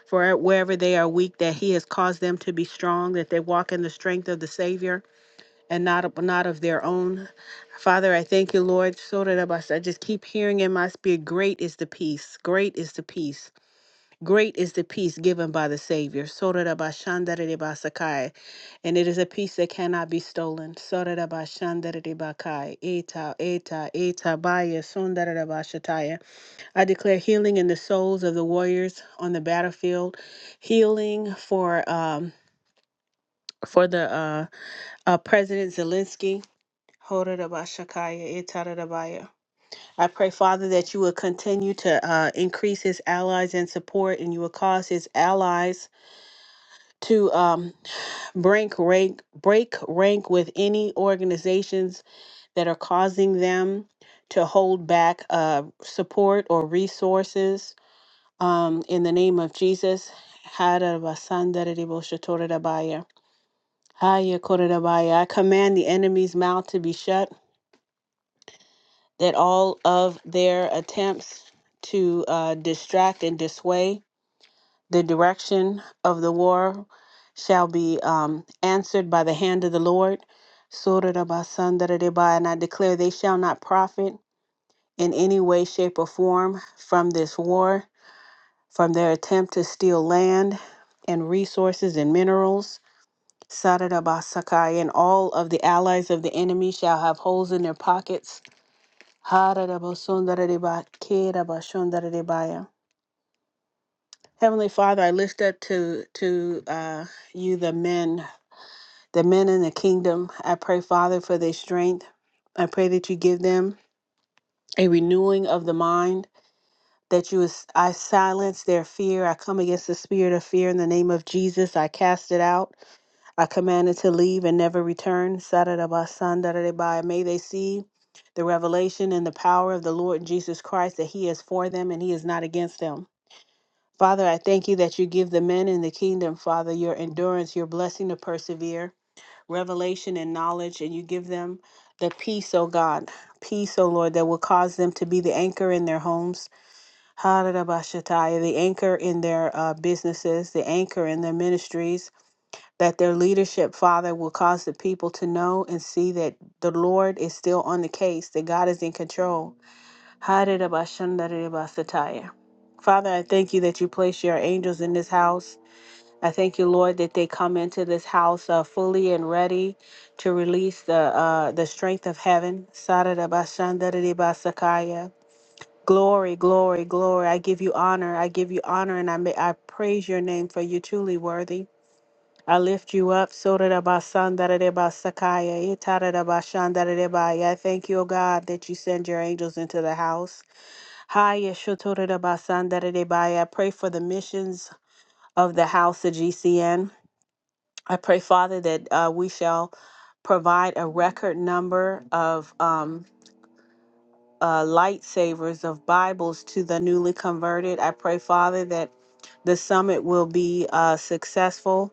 S4: For wherever they are weak, that He has caused them to be strong, that they walk in the strength of the Savior and not of, not of their own. Father, I thank you, Lord. Sorarabas. I just keep hearing in my spirit, great is the peace. Great is the peace. Great is the peace given by the Savior. Sorarabashandarerebasakai. And it is a peace that cannot be stolen. Sorarabashandarerebakai. Eta, eta, eta, baya, sundarabashataya. I declare healing in the souls of the warriors on the battlefield, healing for um, for the uh, uh, President Zelensky. Horarabashakaya, etarabaya. I pray, Father, that you will continue to uh, increase his allies and support, and you will cause his allies to um, break rank break rank with any organizations that are causing them to hold back uh, support or resources um, in the name of Jesus. Harabasandariboshatorodabaya. Hayakorodabaya. I command the enemy's mouth to be shut, that all of their attempts to uh, distract and dissuade The direction of the war shall be um, answered by the hand of the Lord. Surah Rabasandarabai, And I declare they shall not profit in any way, shape, or form from this war, from their attempt to steal land and resources and minerals. Saradabasakai, And all of the allies of the enemy shall have holes in their pockets. Haradabasundaradibai, Kedabashundaradibaya. Heavenly Father, I lift up to to uh, you the men, the men in the kingdom. I pray, Father, for their strength. I pray that you give them a renewing of the mind. That you, is- I silence their fear. I come against the spirit of fear in the name of Jesus. I cast it out. I command it to leave and never return. Sadadabasandaradabaya. May they see the revelation and the power of the Lord Jesus Christ that He is for them and He is not against them. Father, I thank you that you give the men in the kingdom, Father, your endurance, your blessing to persevere, revelation and knowledge, and you give them the peace, O God, peace, O Lord, that will cause them to be the anchor in their homes, Harabashatai, the anchor in their uh, businesses, the anchor in their ministries, that their leadership, Father, will cause the people to know and see that the Lord is still on the case, that God is in control. Harirabashandaribasataya. Father, I thank you that you place your angels in this house. I thank you, Lord, that they come into this house uh, fully and ready to release the uh, the strength of heaven. Sarirabashandaribasakaya. Glory, glory, glory. I give you honor. I give you honor and I may, I praise your name for you truly worthy. I lift you up. Sorirabashandaribasakaya. Itarirabashandaribaya. I thank you, O God, that you send your angels into the house. Hi, Yeshotorida Basandere Bai. I pray for the missions of the House of GCN. I pray, Father, that uh, we shall provide a record number of um, uh, lightsabers of Bibles to the newly converted. I pray, Father, that the summit will be uh, successful.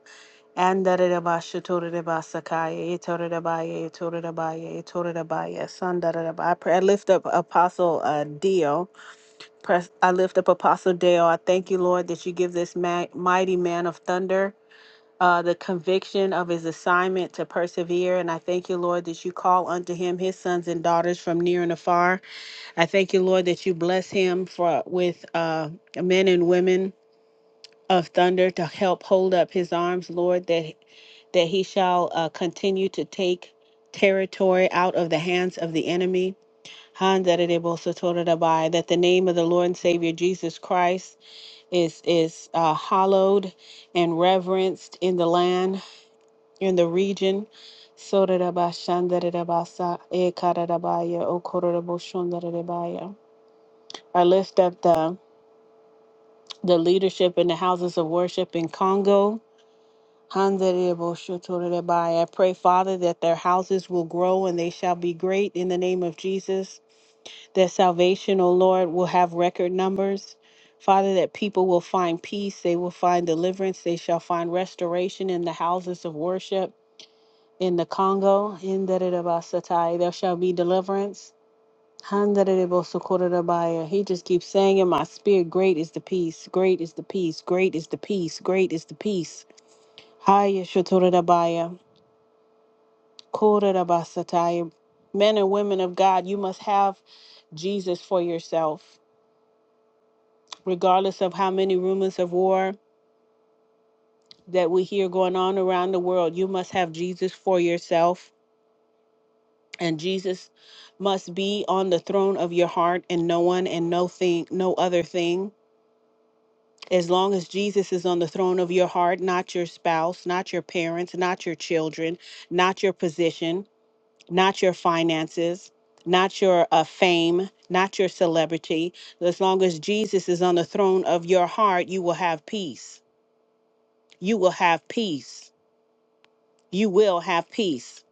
S4: And Darada Bashatorida Basakaya, Yetorida Baya, Yetorida Baya, Yetorida Baya, Sandarada Baya. I pray, I lift up Apostle uh, Dio. Press, I lift up Apostle Dale. I thank you, Lord, that you give this ma- mighty man of thunder uh, the conviction of his assignment to persevere. And I thank you, Lord, that you call unto him his sons and daughters from near and afar. I thank you, Lord, that you bless him for with uh, men and women of thunder to help hold up his arms, Lord, that that he shall uh, continue to take territory out of the hands of the enemy. Han that it able so told it abai, that the name of the Lord and Savior Jesus Christ is is uh, hallowed and reverenced in the land in the region Soreraba ekararabaya, okororobo I lift up the, the leadership in the houses of worship in Congo. Handarebo I pray, Father, that their houses will grow and they shall be great in the name of Jesus. that salvation, O Lord, will have record numbers. Father, that people will find peace, they will find deliverance, they shall find restoration in the houses of worship in the Congo. In Dadadabasatai, there shall be deliverance. Handadadabosokorodabaya. He just keeps saying in my spirit, Great is the peace, great is the peace, great is the peace, great is the peace. Haya shotorodabaya, korodabasataya. Men and women of God, you must have Jesus for yourself. regardless of how many rumors of war that we hear going on around the world, you must have Jesus for yourself. And Jesus must be on the throne of your heart and no one and no thing, no other thing. As long as Jesus is on the throne of your heart, not your spouse, not your parents, not your children, not your position, not your finances, not your uh, fame, not your celebrity, as long as Jesus is on the throne of your heart, you will have peace. You will have peace you will have peace.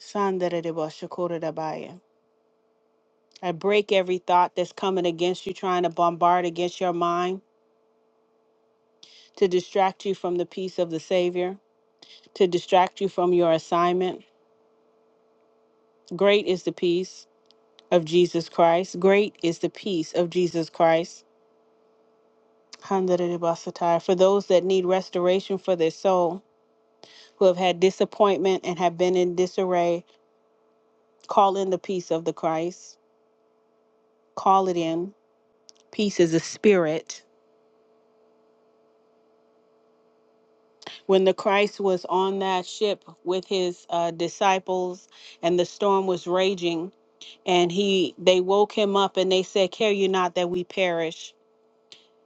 S4: Sandaridibashakoridabaya. I break every thought that's coming against you, trying to bombard against your mind to distract you from the peace of the Savior, to distract you from your assignment. Great is the peace of Jesus Christ. Great is the peace of Jesus Christ. Handaridibasatai. For those that need restoration for their soul, who have had disappointment and have been in disarray, call in the peace of the Christ. Call it in. Peace is a spirit when the Christ was on that ship with his uh, disciples and the storm was raging and he they woke him up and they said care you not that we perish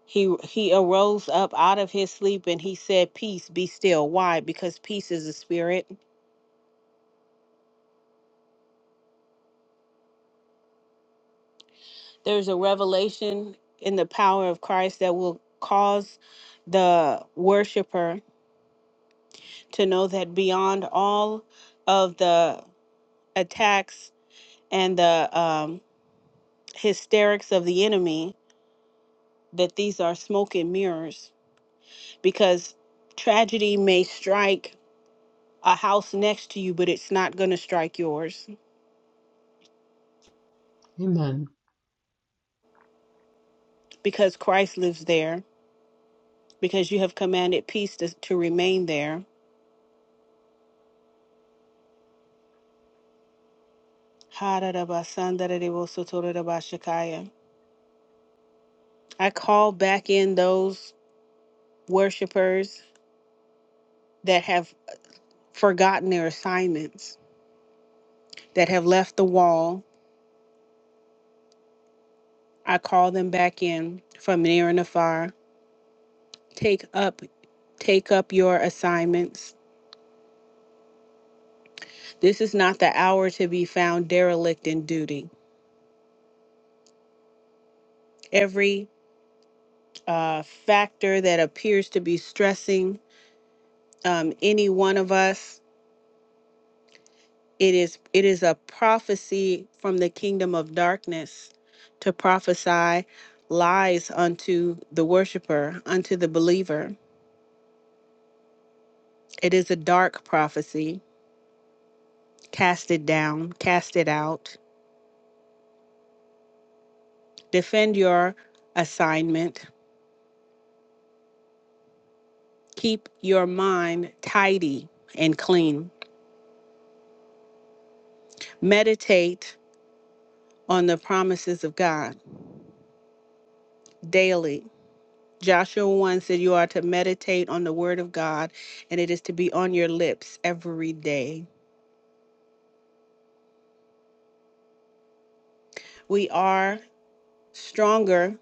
S4: he he arose up out of his sleep and he said peace be still why because peace is a spirit there's a revelation in the power of Christ that will cause the worshiper to know that beyond all of the attacks and the um. hysterics of the enemy that these are smoke and mirrors because tragedy may strike a house next to you, but it's not going to strike yours
S1: Amen.
S4: because Christ lives there, because you have commanded peace to, to remain there. I call back in those worshipers that have forgotten their assignments, that have left the wall. I call them back in from near and afar. Take up Take up your assignments. This is not the hour to be found derelict in duty. Every uh, factor that appears to be stressing um, any one of us, it is it is a prophecy from the kingdom of darkness to prophesy lies unto the worshiper, unto the believer. It is a dark prophecy. Cast it down, cast it out. Defend your assignment Keep your mind tidy and clean. Meditate on the promises of God daily. Joshua 1 said, You are to meditate on the word of God, and it is to be on your lips every day. We are stronger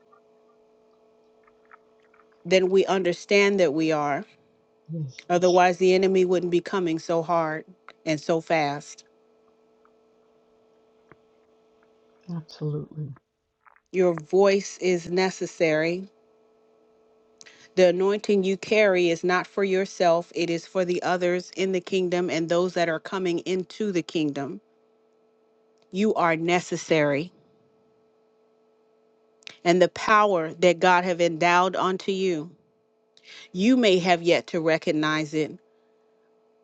S4: than we understand that we are.
S1: Yes,
S4: Otherwise, the enemy wouldn't be coming so hard and so fast.
S1: absolutely.
S4: Your voice is necessary The anointing you carry is not for yourself, it is for the others in the kingdom and those that are coming into the kingdom. You are necessary, and the power that God have endowed unto you. You may have yet to recognize it,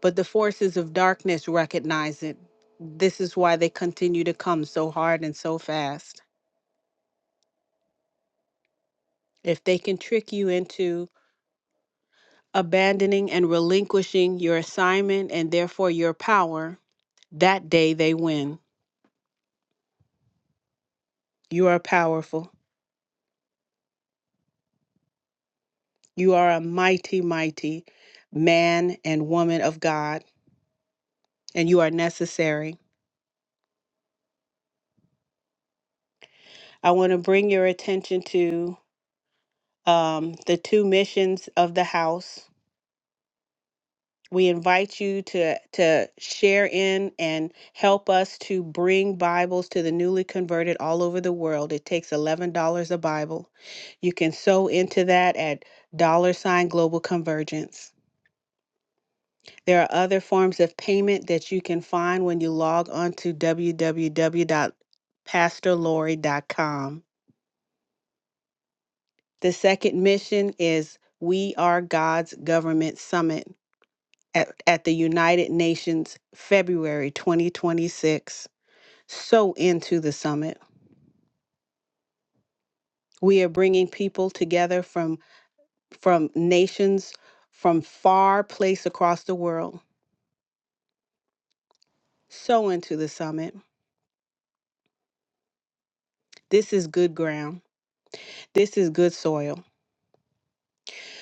S4: but the forces of darkness recognize it. This is why they continue to come so hard and so fast. If they can trick you into abandoning and relinquishing your assignment and therefore your power, that day they win. You are powerful. You are a mighty, mighty man and woman of God, and you are necessary. I want to bring your attention to um, the two missions of the house. We invite you to, to share in and help us to bring Bibles to the newly converted all over the world. It takes $11 a Bible. You can sow into that at dollar sign global convergence. There are other forms of payment that you can find when you log on to www.pastorlaurie.com. The second mission is We Are God's Government Summit at, at the United Nations, February 2026. So into the summit. We are bringing people together from, from nations from far place across the world. So into the summit. This is good ground. This is good soil.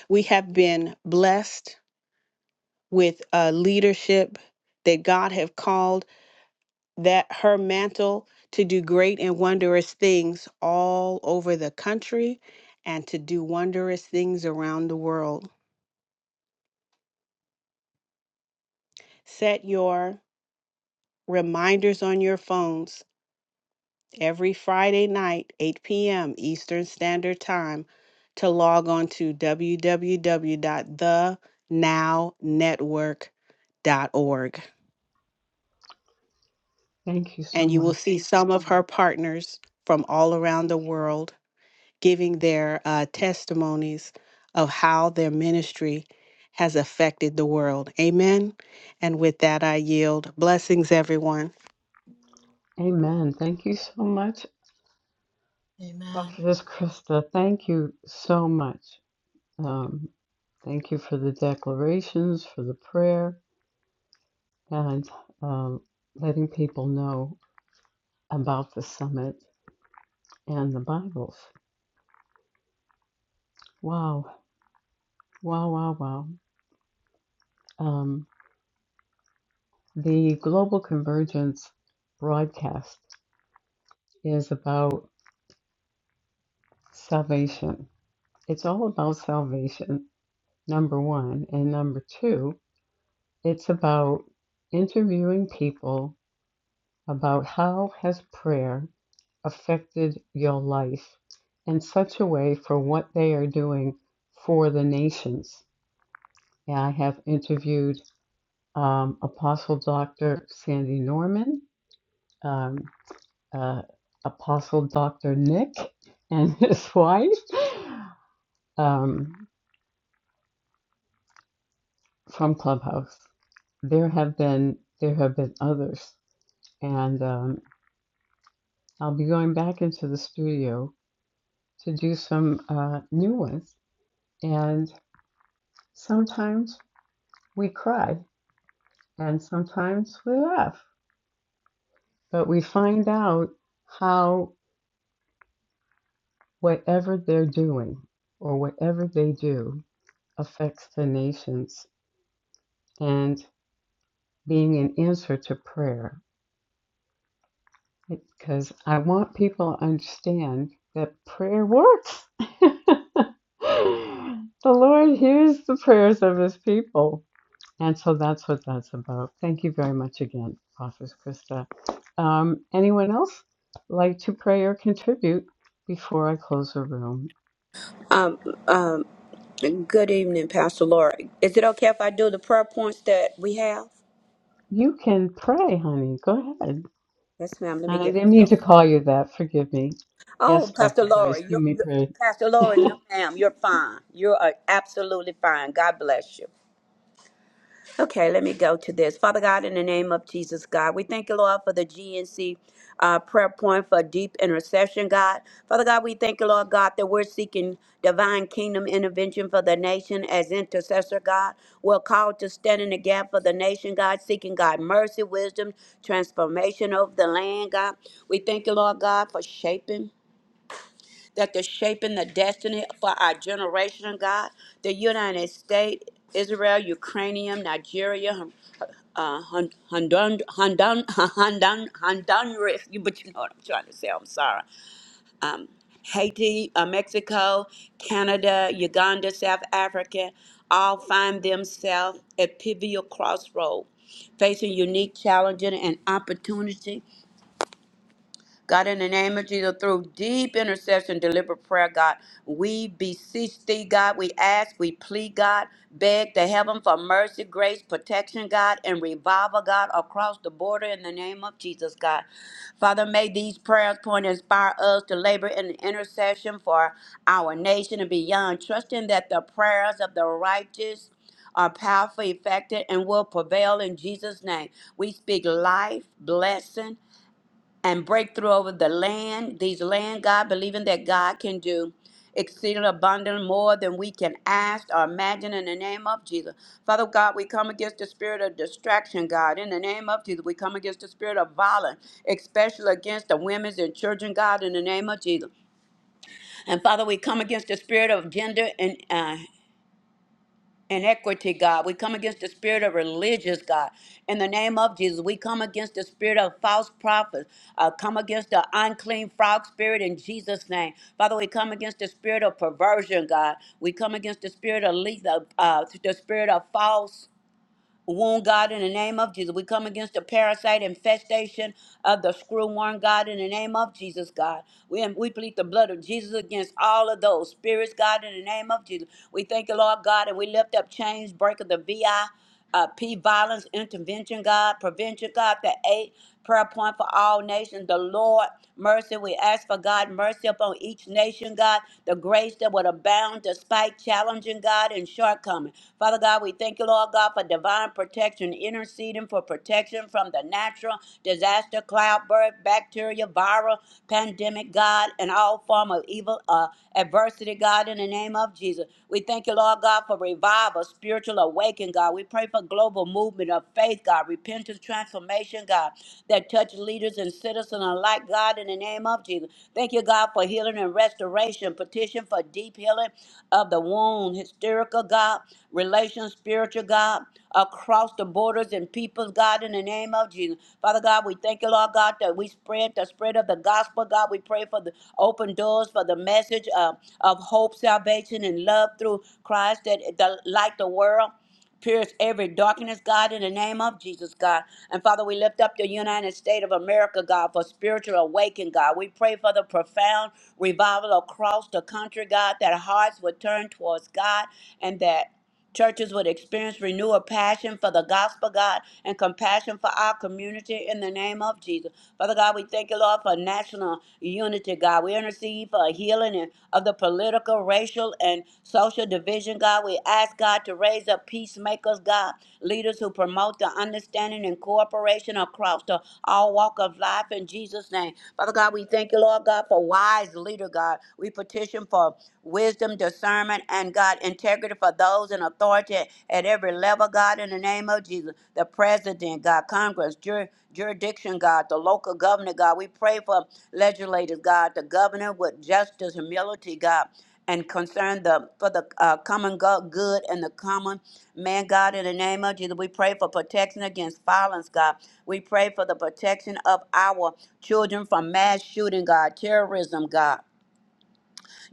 S4: we have been blessed with uh, leadership that God have called that her mantle to do great and wondrous things all over the country and to do wondrous things around the world. Set your reminders on your phones every Friday night, 8 p.m. Eastern Standard Time, to log on to www.thenownetwork.org.
S1: Thank you so
S4: and you will
S1: much.
S4: see some of her partners from all around the world giving their uh, testimonies of how their ministry has affected the world. Amen. And with that, I yield. Blessings, everyone.
S1: Amen. Thank you so much, Prophetess Krista. Thank you so much. Um, thank you for the declarations, for the prayer, and um, letting people know about the summit and the Bibles. Wow. Wow, wow, wow. Um, the Global Convergence broadcast is about salvation. It's all about salvation, number one. And number two, it's about interviewing people about how has prayer affected your life in such a way for what they are doing for the nations. And I have interviewed um, Apostle Dr. Sandy Norman, um, uh, Apostle Dr. Nick, and his wife. Um, from Clubhouse. There have been there have been others, and um, I'll be going back into the studio to do some uh, new ones. And sometimes we cry, and sometimes we laugh, but we find out how whatever they're doing or whatever they do affects the nations and being an answer to prayer It's Because I want people to understand that prayer works. the Lord hears the prayers of his people. And so that's what that's about. Thank you very much again, Prophet Krista. Um, anyone else like to pray or contribute before I close the room?
S5: Um, um, good evening, Pastor Laura. Is it okay if I do the prayer points that we have?
S1: You can pray, honey. Go ahead.
S5: Yes, ma'am. Let me
S1: I
S5: get back
S1: didn't mean to
S5: up.
S1: call you that. Forgive me. Yes,
S5: Oh, Pastor
S1: Dr.
S5: Laura,
S1: Joyce,
S5: you,
S1: you may
S5: you,
S1: pray.
S5: Pastor Laura, no, ma'am, you're fine. You're uh, absolutely fine. God bless you. Okay, let me go to this. Father God, in the name of Jesus, God, we thank you, Lord, for the GNC uh, prayer point for deep intercession, God. Father God, we thank you, Lord God, that we're seeking divine kingdom intervention for the nation as intercessor, God. We're called to stand in the gap for the nation, God, seeking God mercy, wisdom, transformation of the land, God. We thank you, Lord God, for shaping that they're shaping the destiny for our generation, God. The United States, Israel, Ukrainian, Nigeria, uh, Hon- Hondon, Hondon, Hondon, Honduras, you- but you know what I'm trying to say, I'm sorry. Um, Haiti, uh, Mexico, Canada, Uganda, South Africa, all find themselves at pivotal crossroad, facing unique challenges and opportunities God, in the name of Jesus, through deep intercession, deliberate prayer, God, we beseech thee, God. We ask, we plead, God, beg to heaven for mercy, grace, protection, God, and revival, God, across the border in the name of Jesus, God. Father, may these prayers point and inspire us to labor in intercession for our nation and beyond, trusting that the prayers of the righteous are powerful, effective, and will prevail in Jesus' name. We speak life, blessing, and breakthrough over the land, these land, God, believing that God can do exceeding abundant more than we can ask or imagine in the name of Jesus. Father God, we come against the spirit of distraction, God. In the name of Jesus, we come against the spirit of violence, especially against the women's and children, God, in the name of Jesus. And Father, we come against the spirit of gender and. uh, inequity, God. We come against the spirit of religious, God. In the name of Jesus, we come against the spirit of false prophets. Uh, come against the unclean frog spirit in Jesus' name. Father, we come against the spirit of perversion, God. We come against the spirit of le- the, uh, the spirit of false wound, God, in the name of Jesus. We come against the parasite infestation of the screwworm, God, in the name of Jesus, God. We, we plead the blood of Jesus against all of those spirits, God, in the name of Jesus. We thank you, Lord God, and we lift up chains, breaker, the VI. Uh, P violence intervention, God, prevention, God, the a prayer point for all nations. The Lord, mercy, we ask for God, mercy upon each nation, God, the grace that would abound despite challenging, God, and shortcoming. Father God, we thank you, Lord God, for divine protection, interceding for protection from the natural disaster, cloud birth, bacteria, viral, pandemic, God, and all form of evil, uh, adversity, God, in the name of Jesus. We thank thank you, Lord God, for revival, spiritual awakening, God. We pray for global movement of faith, God, repentance, transformation, God, that touch leaders and citizens alike, God, in the name of Jesus. Thank you, God, for healing and restoration. Petition for deep healing of the wound, hysterical, God, relational, spiritual, God, across the borders and peoples, God, in the name of Jesus. Father God, we thank you, Lord God, that that we spread the spread of the gospel, God. We pray for the open doors for the message uh, of hope, salvation, and love through Christ that the light the world. Pierce every darkness, God, in the name of Jesus, God. And Father, we lift up the United States of America, God, for spiritual awakening, God. We pray for the profound revival across the country, God, that hearts would turn towards God and that Churches would experience renewal passion for the gospel, God, and compassion for our community in the name of Jesus. Father God, we thank you, Lord, for national unity, God. We intercede for a healing and- of the political, racial, and social division, God. We ask, God, to raise up peacemakers, God, leaders who promote the understanding and cooperation across the all walk of life in Jesus' name. Father God, we thank you, Lord God, for wise leader, God. We petition for wisdom, discernment, and God, integrity for those in authority at every level, God, in the name of Jesus. The president, God, Congress, jur- jurisdiction, God, the local governor, God. We pray for legislators, God, the governor with justice, humility, God. And concern the for the uh, common go- good and the common man, God, in the name of Jesus, we pray for protection against violence, God. We pray for the protection of our children from mass shooting, God, terrorism, God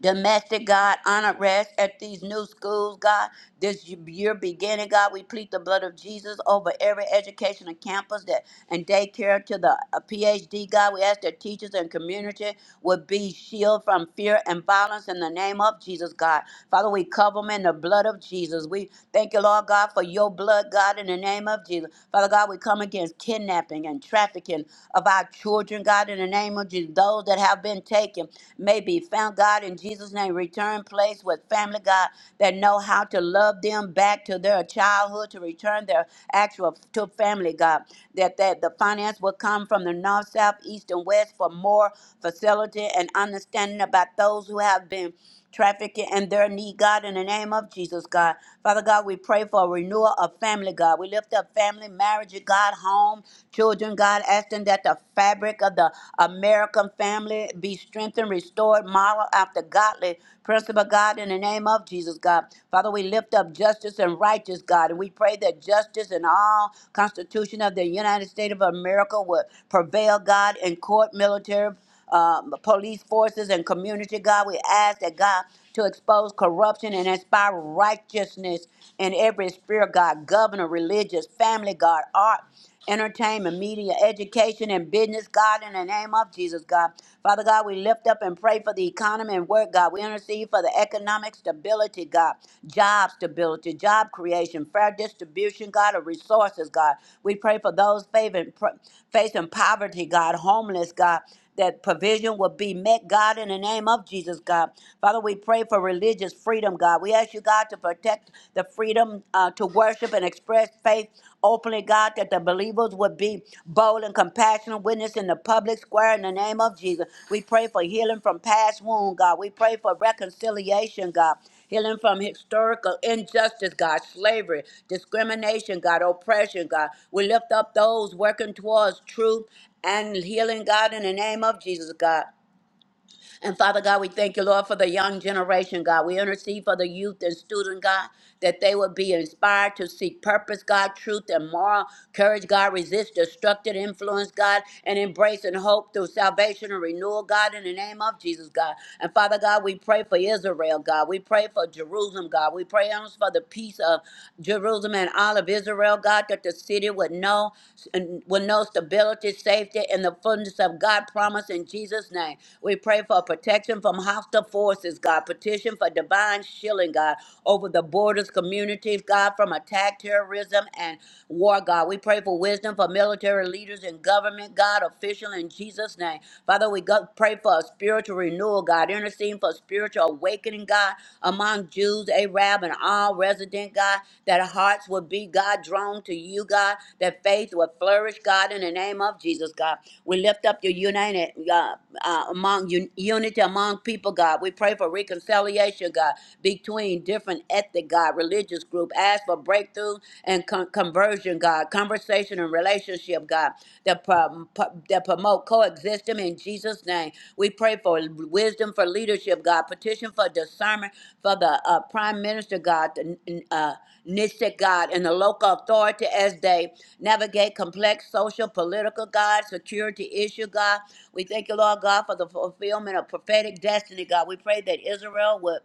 S5: domestic, God, honor rest at these new schools, God. This year beginning, God, we plead the blood of Jesus over every educational campus that and daycare to the uh, PhD, God. We ask that teachers and community would be shielded from fear and violence in the name of Jesus, God. Father, we cover them in the blood of Jesus. We thank you, Lord God, for your blood, God, in the name of Jesus. Father God, we come against kidnapping and trafficking of our children, God, in the name of Jesus. Those that have been taken may be found, God, in Jesus' name. Return place with family, God, that know how to love them back to their childhood, to return their actual to family, God. That, that the finance will come from the north, south, east, and west for more facility and understanding about those who have been trafficking and their need, God, in the name of Jesus, God. Father God, we pray for a renewal of family, God. We lift up family, marriage, God, home, children, God, asking that the fabric of the American family be strengthened, restored, model after godly principle, God, in the name of Jesus, God. Father, we lift up justice and righteous, God, and we pray that justice and all Constitution of the United States of America would prevail, God, in court, military um, police forces and community, God. We ask that God to expose corruption and inspire righteousness in every sphere, God, governor, religious, family, God, art, entertainment, media, education, and business, God, in the name of Jesus, God. Father God, we lift up and pray for the economy and work, God. We intercede for the economic stability, God, job stability, job creation, fair distribution, God, of resources, God. We pray for those favoring, pr- facing poverty, God, homeless, God that provision will be met, God, in the name of Jesus, God. Father, we pray for religious freedom, God. We ask you, God, to protect the freedom uh, to worship and express faith openly, God, that the believers would be bold and compassionate witness in the public square in the name of Jesus. We pray for healing from past wound, God. We pray for reconciliation, God healing from historical injustice, God, slavery, discrimination, God, oppression, God. We lift up those working towards truth and healing, God, in the name of Jesus, God. And Father God, we thank you, Lord, for the young generation, God. We intercede for the youth and student, God, that they would be inspired to seek purpose, God, truth, and moral courage, God. Resist destructive influence, God, and embrace and hope through salvation and renewal, God, in the name of Jesus, God. And Father God, we pray for Israel, God. We pray for Jerusalem, God. We pray for the peace of Jerusalem and all of Israel, God the city with no with no stability, safety, and the fullness of God promise in Jesus' name. We pray for protection from hostile forces, God. Petition for divine shielding, God, over the borders, communities, God, from attack, terrorism, and war, God. We pray for wisdom for military leaders and government, God, official in Jesus' name. Father, we go, pray for a spiritual renewal, God. Intercede for for spiritual awakening, God, among Jews, Arab, and all resident, God, that hearts would be, God, drawn to you, God, that faith would flourish, God, in the name of Jesus, God. We lift up your united, God, uh, among un- unity among people, God. We pray for reconciliation, God, between different ethnic, God, religious group. Ask for breakthrough and con- conversion, God, conversation and relationship relationship, God, that, prom- that promote coexistence in Jesus' name. We pray for wisdom for leadership, God. Petition for discernment for the uh, prime minister, God, the uh, Nishik, God, and the local authority as they navigate complex social, political, God, security issue, God. We thank you, Lord God, for the fulfillment of prophetic destiny, God. We pray that Israel would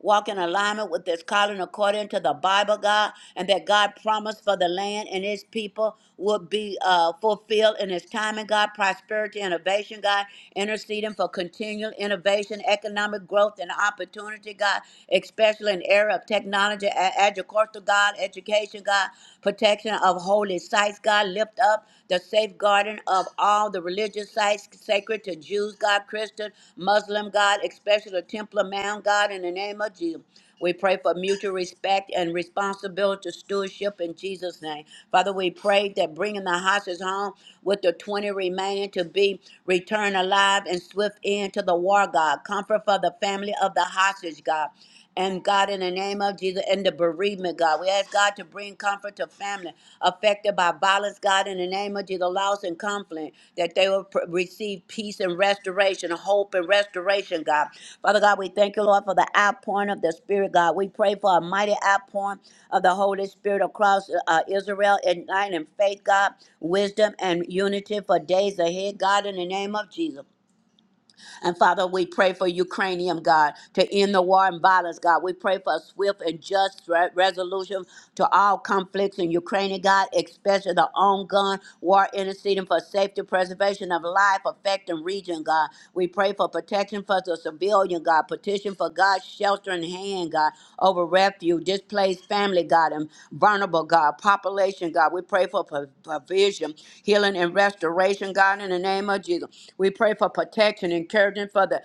S5: walk in alignment with this calling according to the Bible, God, and that God promised for the land and His people would be uh, fulfilled in His timing, God, prosperity, innovation, God, interceding for continual innovation, economic growth, and opportunity, God, especially in the area of technology, a- agriculture, God, education, God, protection of holy sites, God, lift up the safeguarding of all the religious sites sacred to Jews, God, Christian, Muslim, God, especially the Temple Mount, God, in the name of Jesus. We pray for mutual respect and responsibility to stewardship in Jesus' name. Father, we pray that bringing the hostages home with the 20 remaining to be returned alive and swift end to the war, God. Comfort for the family of the hostage, God. And God, in the name of Jesus, and the bereavement, God, we ask God to bring comfort to family affected by violence, God, in the name of Jesus, loss and conflict, that they will pr- receive peace and restoration, hope and restoration, God. Father God, we thank you, Lord, for the outpouring of the Spirit, God. We pray for a mighty outpouring of the Holy Spirit across uh, Israel, igniting faith, God, wisdom and unity for days ahead, God, in the name of Jesus. And Father, we pray for Ukrainian, God, to end the war and violence, God. We pray for a swift and just re- resolution to all conflicts in Ukraine, God, especially the ongoing war interceding for safety, preservation of life, affecting region, God. We pray for protection for the civilian, God. Petition for God's sheltering hand, God, over refuge, displaced family, God, and vulnerable, God, population, God. We we pray for pro- provision, healing, and restoration, God, in the name of Jesus. We pray for protection, encouragement for the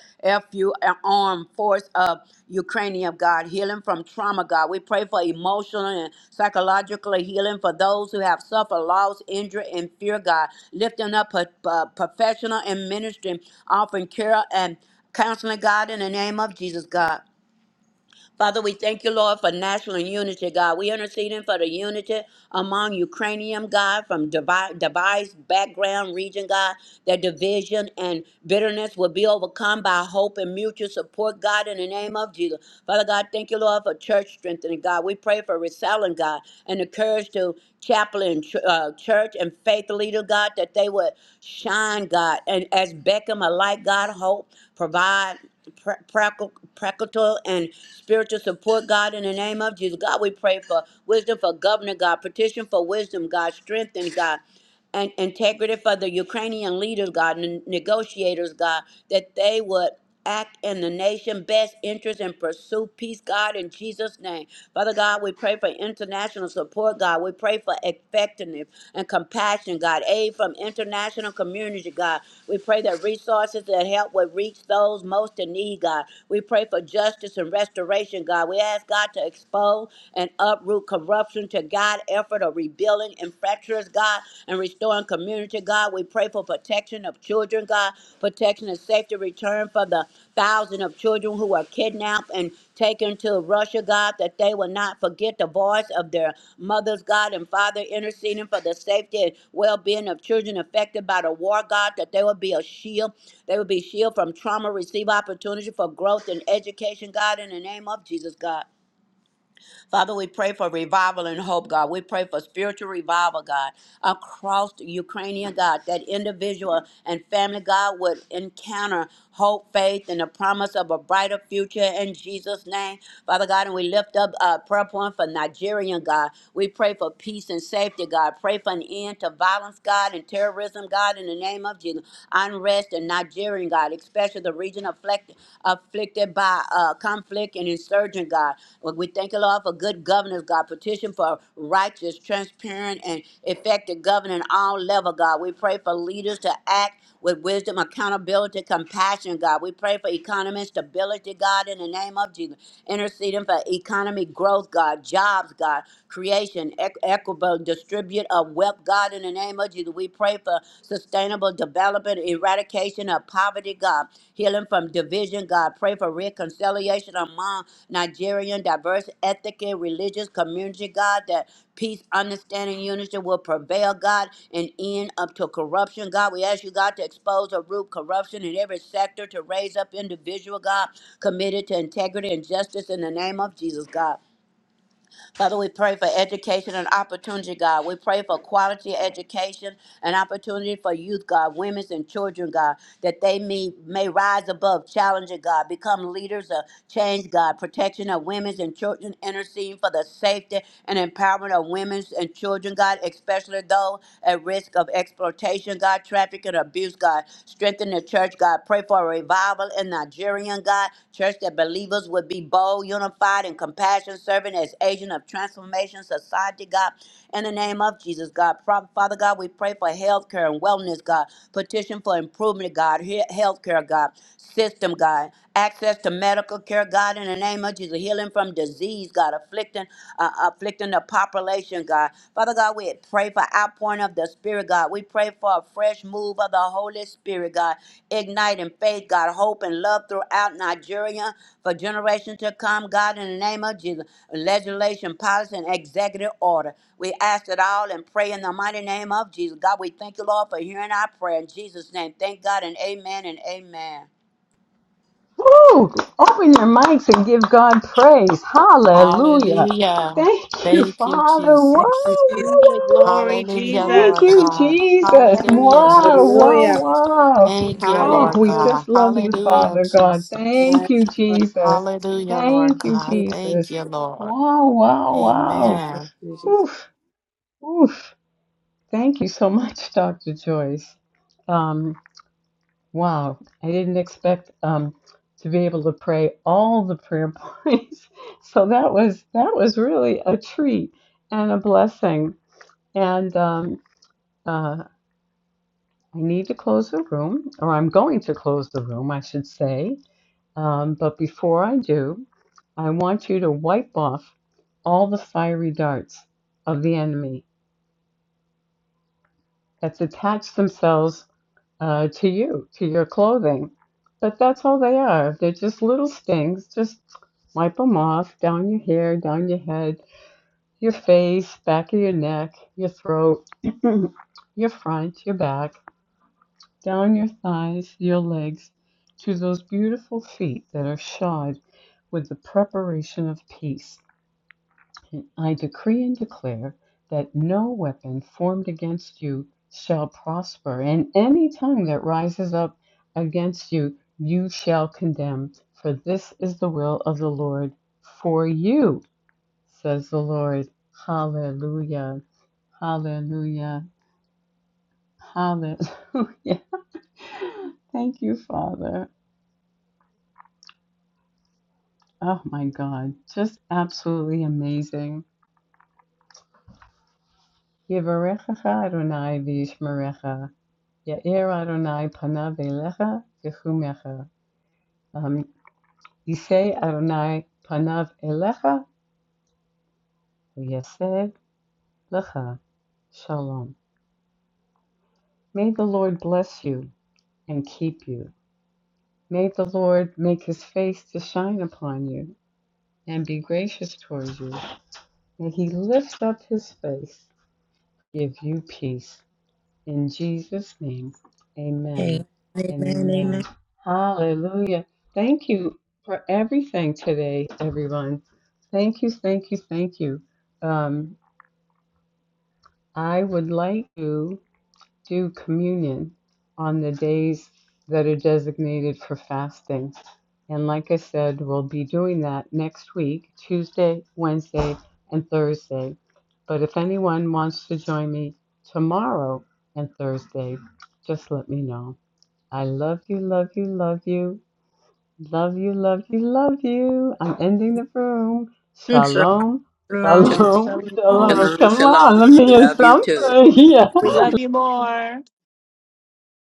S5: FU armed force of Ukrainian, God, healing from trauma, God. We pray for emotional and psychological healing for those who have suffered loss, injury, and fear, God. Lifting up a, a professional and ministry, offering care and counseling, God, in the name of Jesus, God. Father, we thank you, Lord, for national unity, God. We interceding for the unity among Ukrainian, God, from devi- devised background region, God, that division and bitterness will be overcome by hope and mutual support, God, in the name of Jesus. Father God, thank you, Lord, for church strengthening, God. We pray for reselling, God, and the courage to chaplain, ch- uh, church, and faith leader, God, that they would shine, God, and as Beckham alike, God, hope, provide pra- prac- practical and spiritual support, God, in the name of Jesus. God, we pray for wisdom for governor, God, petition for wisdom, God, strength and God. And integrity for the Ukrainian leaders, God, and negotiators, God, that they would act in the nation's best interest and pursue peace, God, in Jesus' name. Father God, we pray for international support support, God. We pray for effectiveness and compassion, God. Aid from international community, God. We pray that resources that help will reach those most in need, God. We pray for justice and restoration, God. We ask God to expose and uproot corruption to God, effort of rebuilding infractors, God, and restoring community, God. We pray for protection of children, children, God, protection and safety return for the thousand of children who are kidnapped and taken to Russia, God, that they will not forget the voice of their mothers, God, and Father, interceding for the safety and well being of children affected by the war, God, that they will be a shield. They will be shield from trauma, receive opportunity for growth and education, God, in the name of Jesus, God. Father, we pray for revival and hope, God. We pray for spiritual revival, God, across the Ukrainian, God, that individual and family, God, would encounter hope, faith, and the promise of a brighter future in Jesus' name. Father God, and we lift up uh, prayer point for Nigerian, God. We pray for peace and safety, God. Pray for an end to violence, God, and terrorism, God, in the name of Jesus. Unrest in Nigerian, God, especially the region afflicted, afflicted by uh, conflict and insurgent, God. Lord, We thank you, Lord, for good governors, God. Petition for righteous, transparent, and effective governing all level, God. We pray for leaders to act with wisdom, accountability, compassion, God. We pray for economic stability, God, in the name of Jesus. Interceding for economy growth, God, jobs, God, creation, equ- equitable, distribute of wealth, God, in the name name of Jesus. We pray for sustainable development, eradication of poverty, God, healing from division, God. Pray for reconciliation among Nigerian diverse ethnic and religious community, God, that peace, understanding, unity will prevail, God, and end up to corruption, God. We ask you, God, to expose or root corruption in every sector, to raise up individual, God, committed to integrity and justice in the name of Jesus, God. Father, we pray for education and opportunity, God. We pray for quality education and opportunity for youth, God, women's and children, God, that they may, may rise above, challenge God, become leaders of change, God, protection of women's and children, interceding for the safety and empowerment of women's and children, God, especially those at risk of exploitation, God, trafficking, abuse, God. Strengthen the church church, God. Pray for a revival in Nigerian, God. Church that believers would be bold, unified, and compassion, serving as agent of transformation society, God. In the name of Jesus, God. Pro- Father God, we pray for health care and wellness, God. Petition for improvement, God. Health care, God. System, God. Access to medical care, God. In the name of Jesus. Healing from disease, God. Afflicting, uh, afflicting the operation, God. Father God, we pray for outpouring of the Spirit, God. We pray for a fresh move of the Holy Spirit, God, igniting faith, God, hope and love throughout Nigeria for generations to come, God, in the name of Jesus. Legislation, policy, and executive order. We ask it all and pray in the mighty name of Jesus. God, we thank you, Lord, for hearing our prayer. In Jesus' name, thank God and amen and amen.
S1: Woo! Open your mics and give God praise. Hallelujah.
S6: Hallelujah.
S1: Thank you,
S6: Thank you,
S1: Father. Wow,
S6: Jesus.
S1: wow,
S4: Hallelujah.
S1: wow, wow.
S4: Glory,
S6: Hallelujah,
S1: Thank
S6: Lord
S4: Jesus.
S1: you,
S6: God.
S1: Jesus.
S6: Hallelujah,
S1: Wow, wow,
S3: Yeah.
S6: Jesus.
S1: wow.
S6: Thank you,
S1: Oh,
S6: Lord
S1: we
S6: God.
S1: just love you,
S6: Hallelujah,
S1: Father God.
S6: Jesus.
S1: Thank you, Jesus.
S6: Hallelujah, Lord
S1: Thank you,
S6: God. Thank
S1: Jesus.
S6: you, Lord.
S1: Wow, wow,
S6: Amen.
S1: wow. Oof, oof. Thank you so much, Dr. Joyce. Um. Wow, I didn't expect um, to be able to pray all the prayer points. So that was that was really a treat and a blessing. And um, uh, I need to close the room, or I'm going to close the room, I should say. Um, but before I do, I want you to wipe off all the fiery darts of the enemy that's attached themselves uh, to you, to your clothing. But that's all they are. They're just little stings. Just wipe them off down your hair, down your head, your face, back of your neck, your throat, your front, your back, down your thighs, your legs, to those beautiful feet that are shod with the preparation of peace. And I decree and declare that no weapon formed against you shall prosper, and any tongue that rises up against you, you shall condemn. For this is the will of the Lord for you, says the Lord. Hallelujah. Hallelujah. Hallelujah. Thank you, Father. Oh my God. Just absolutely amazing. Yivarechecha Adonai v'yishmerecha. Ya'ir Adonai panav elecha v'chumecha. Um, Yisei Adonai panav elecha v'yaseh lecha. Shalom. May the Lord bless you and keep you. May the Lord make his face to shine upon you and be gracious towards you. May he lift up his face, give you peace. In Jesus' name, amen
S3: Amen.
S1: and amen.
S3: Amen.
S1: Hallelujah. Thank you for everything today, everyone. Thank you, thank you, thank you. Um, I would like to do communion on the days that are designated for fasting. And like I said, we'll be doing that next week, Tuesday, Wednesday, and Thursday. But if anyone wants to join me tomorrow and Thursday, just let me know. I love you, love you, love you, love you, love you, love you. I'm ending the room.
S3: Amen.
S1: Shalom,
S3: shalom.
S4: Shalom,
S5: Shalom,
S1: shalom,
S4: shalom.
S1: shalom.
S5: shalom.
S1: Come
S5: shalom.
S1: on, let me hear
S5: Love you too.
S1: something. Yeah.
S4: We love you more.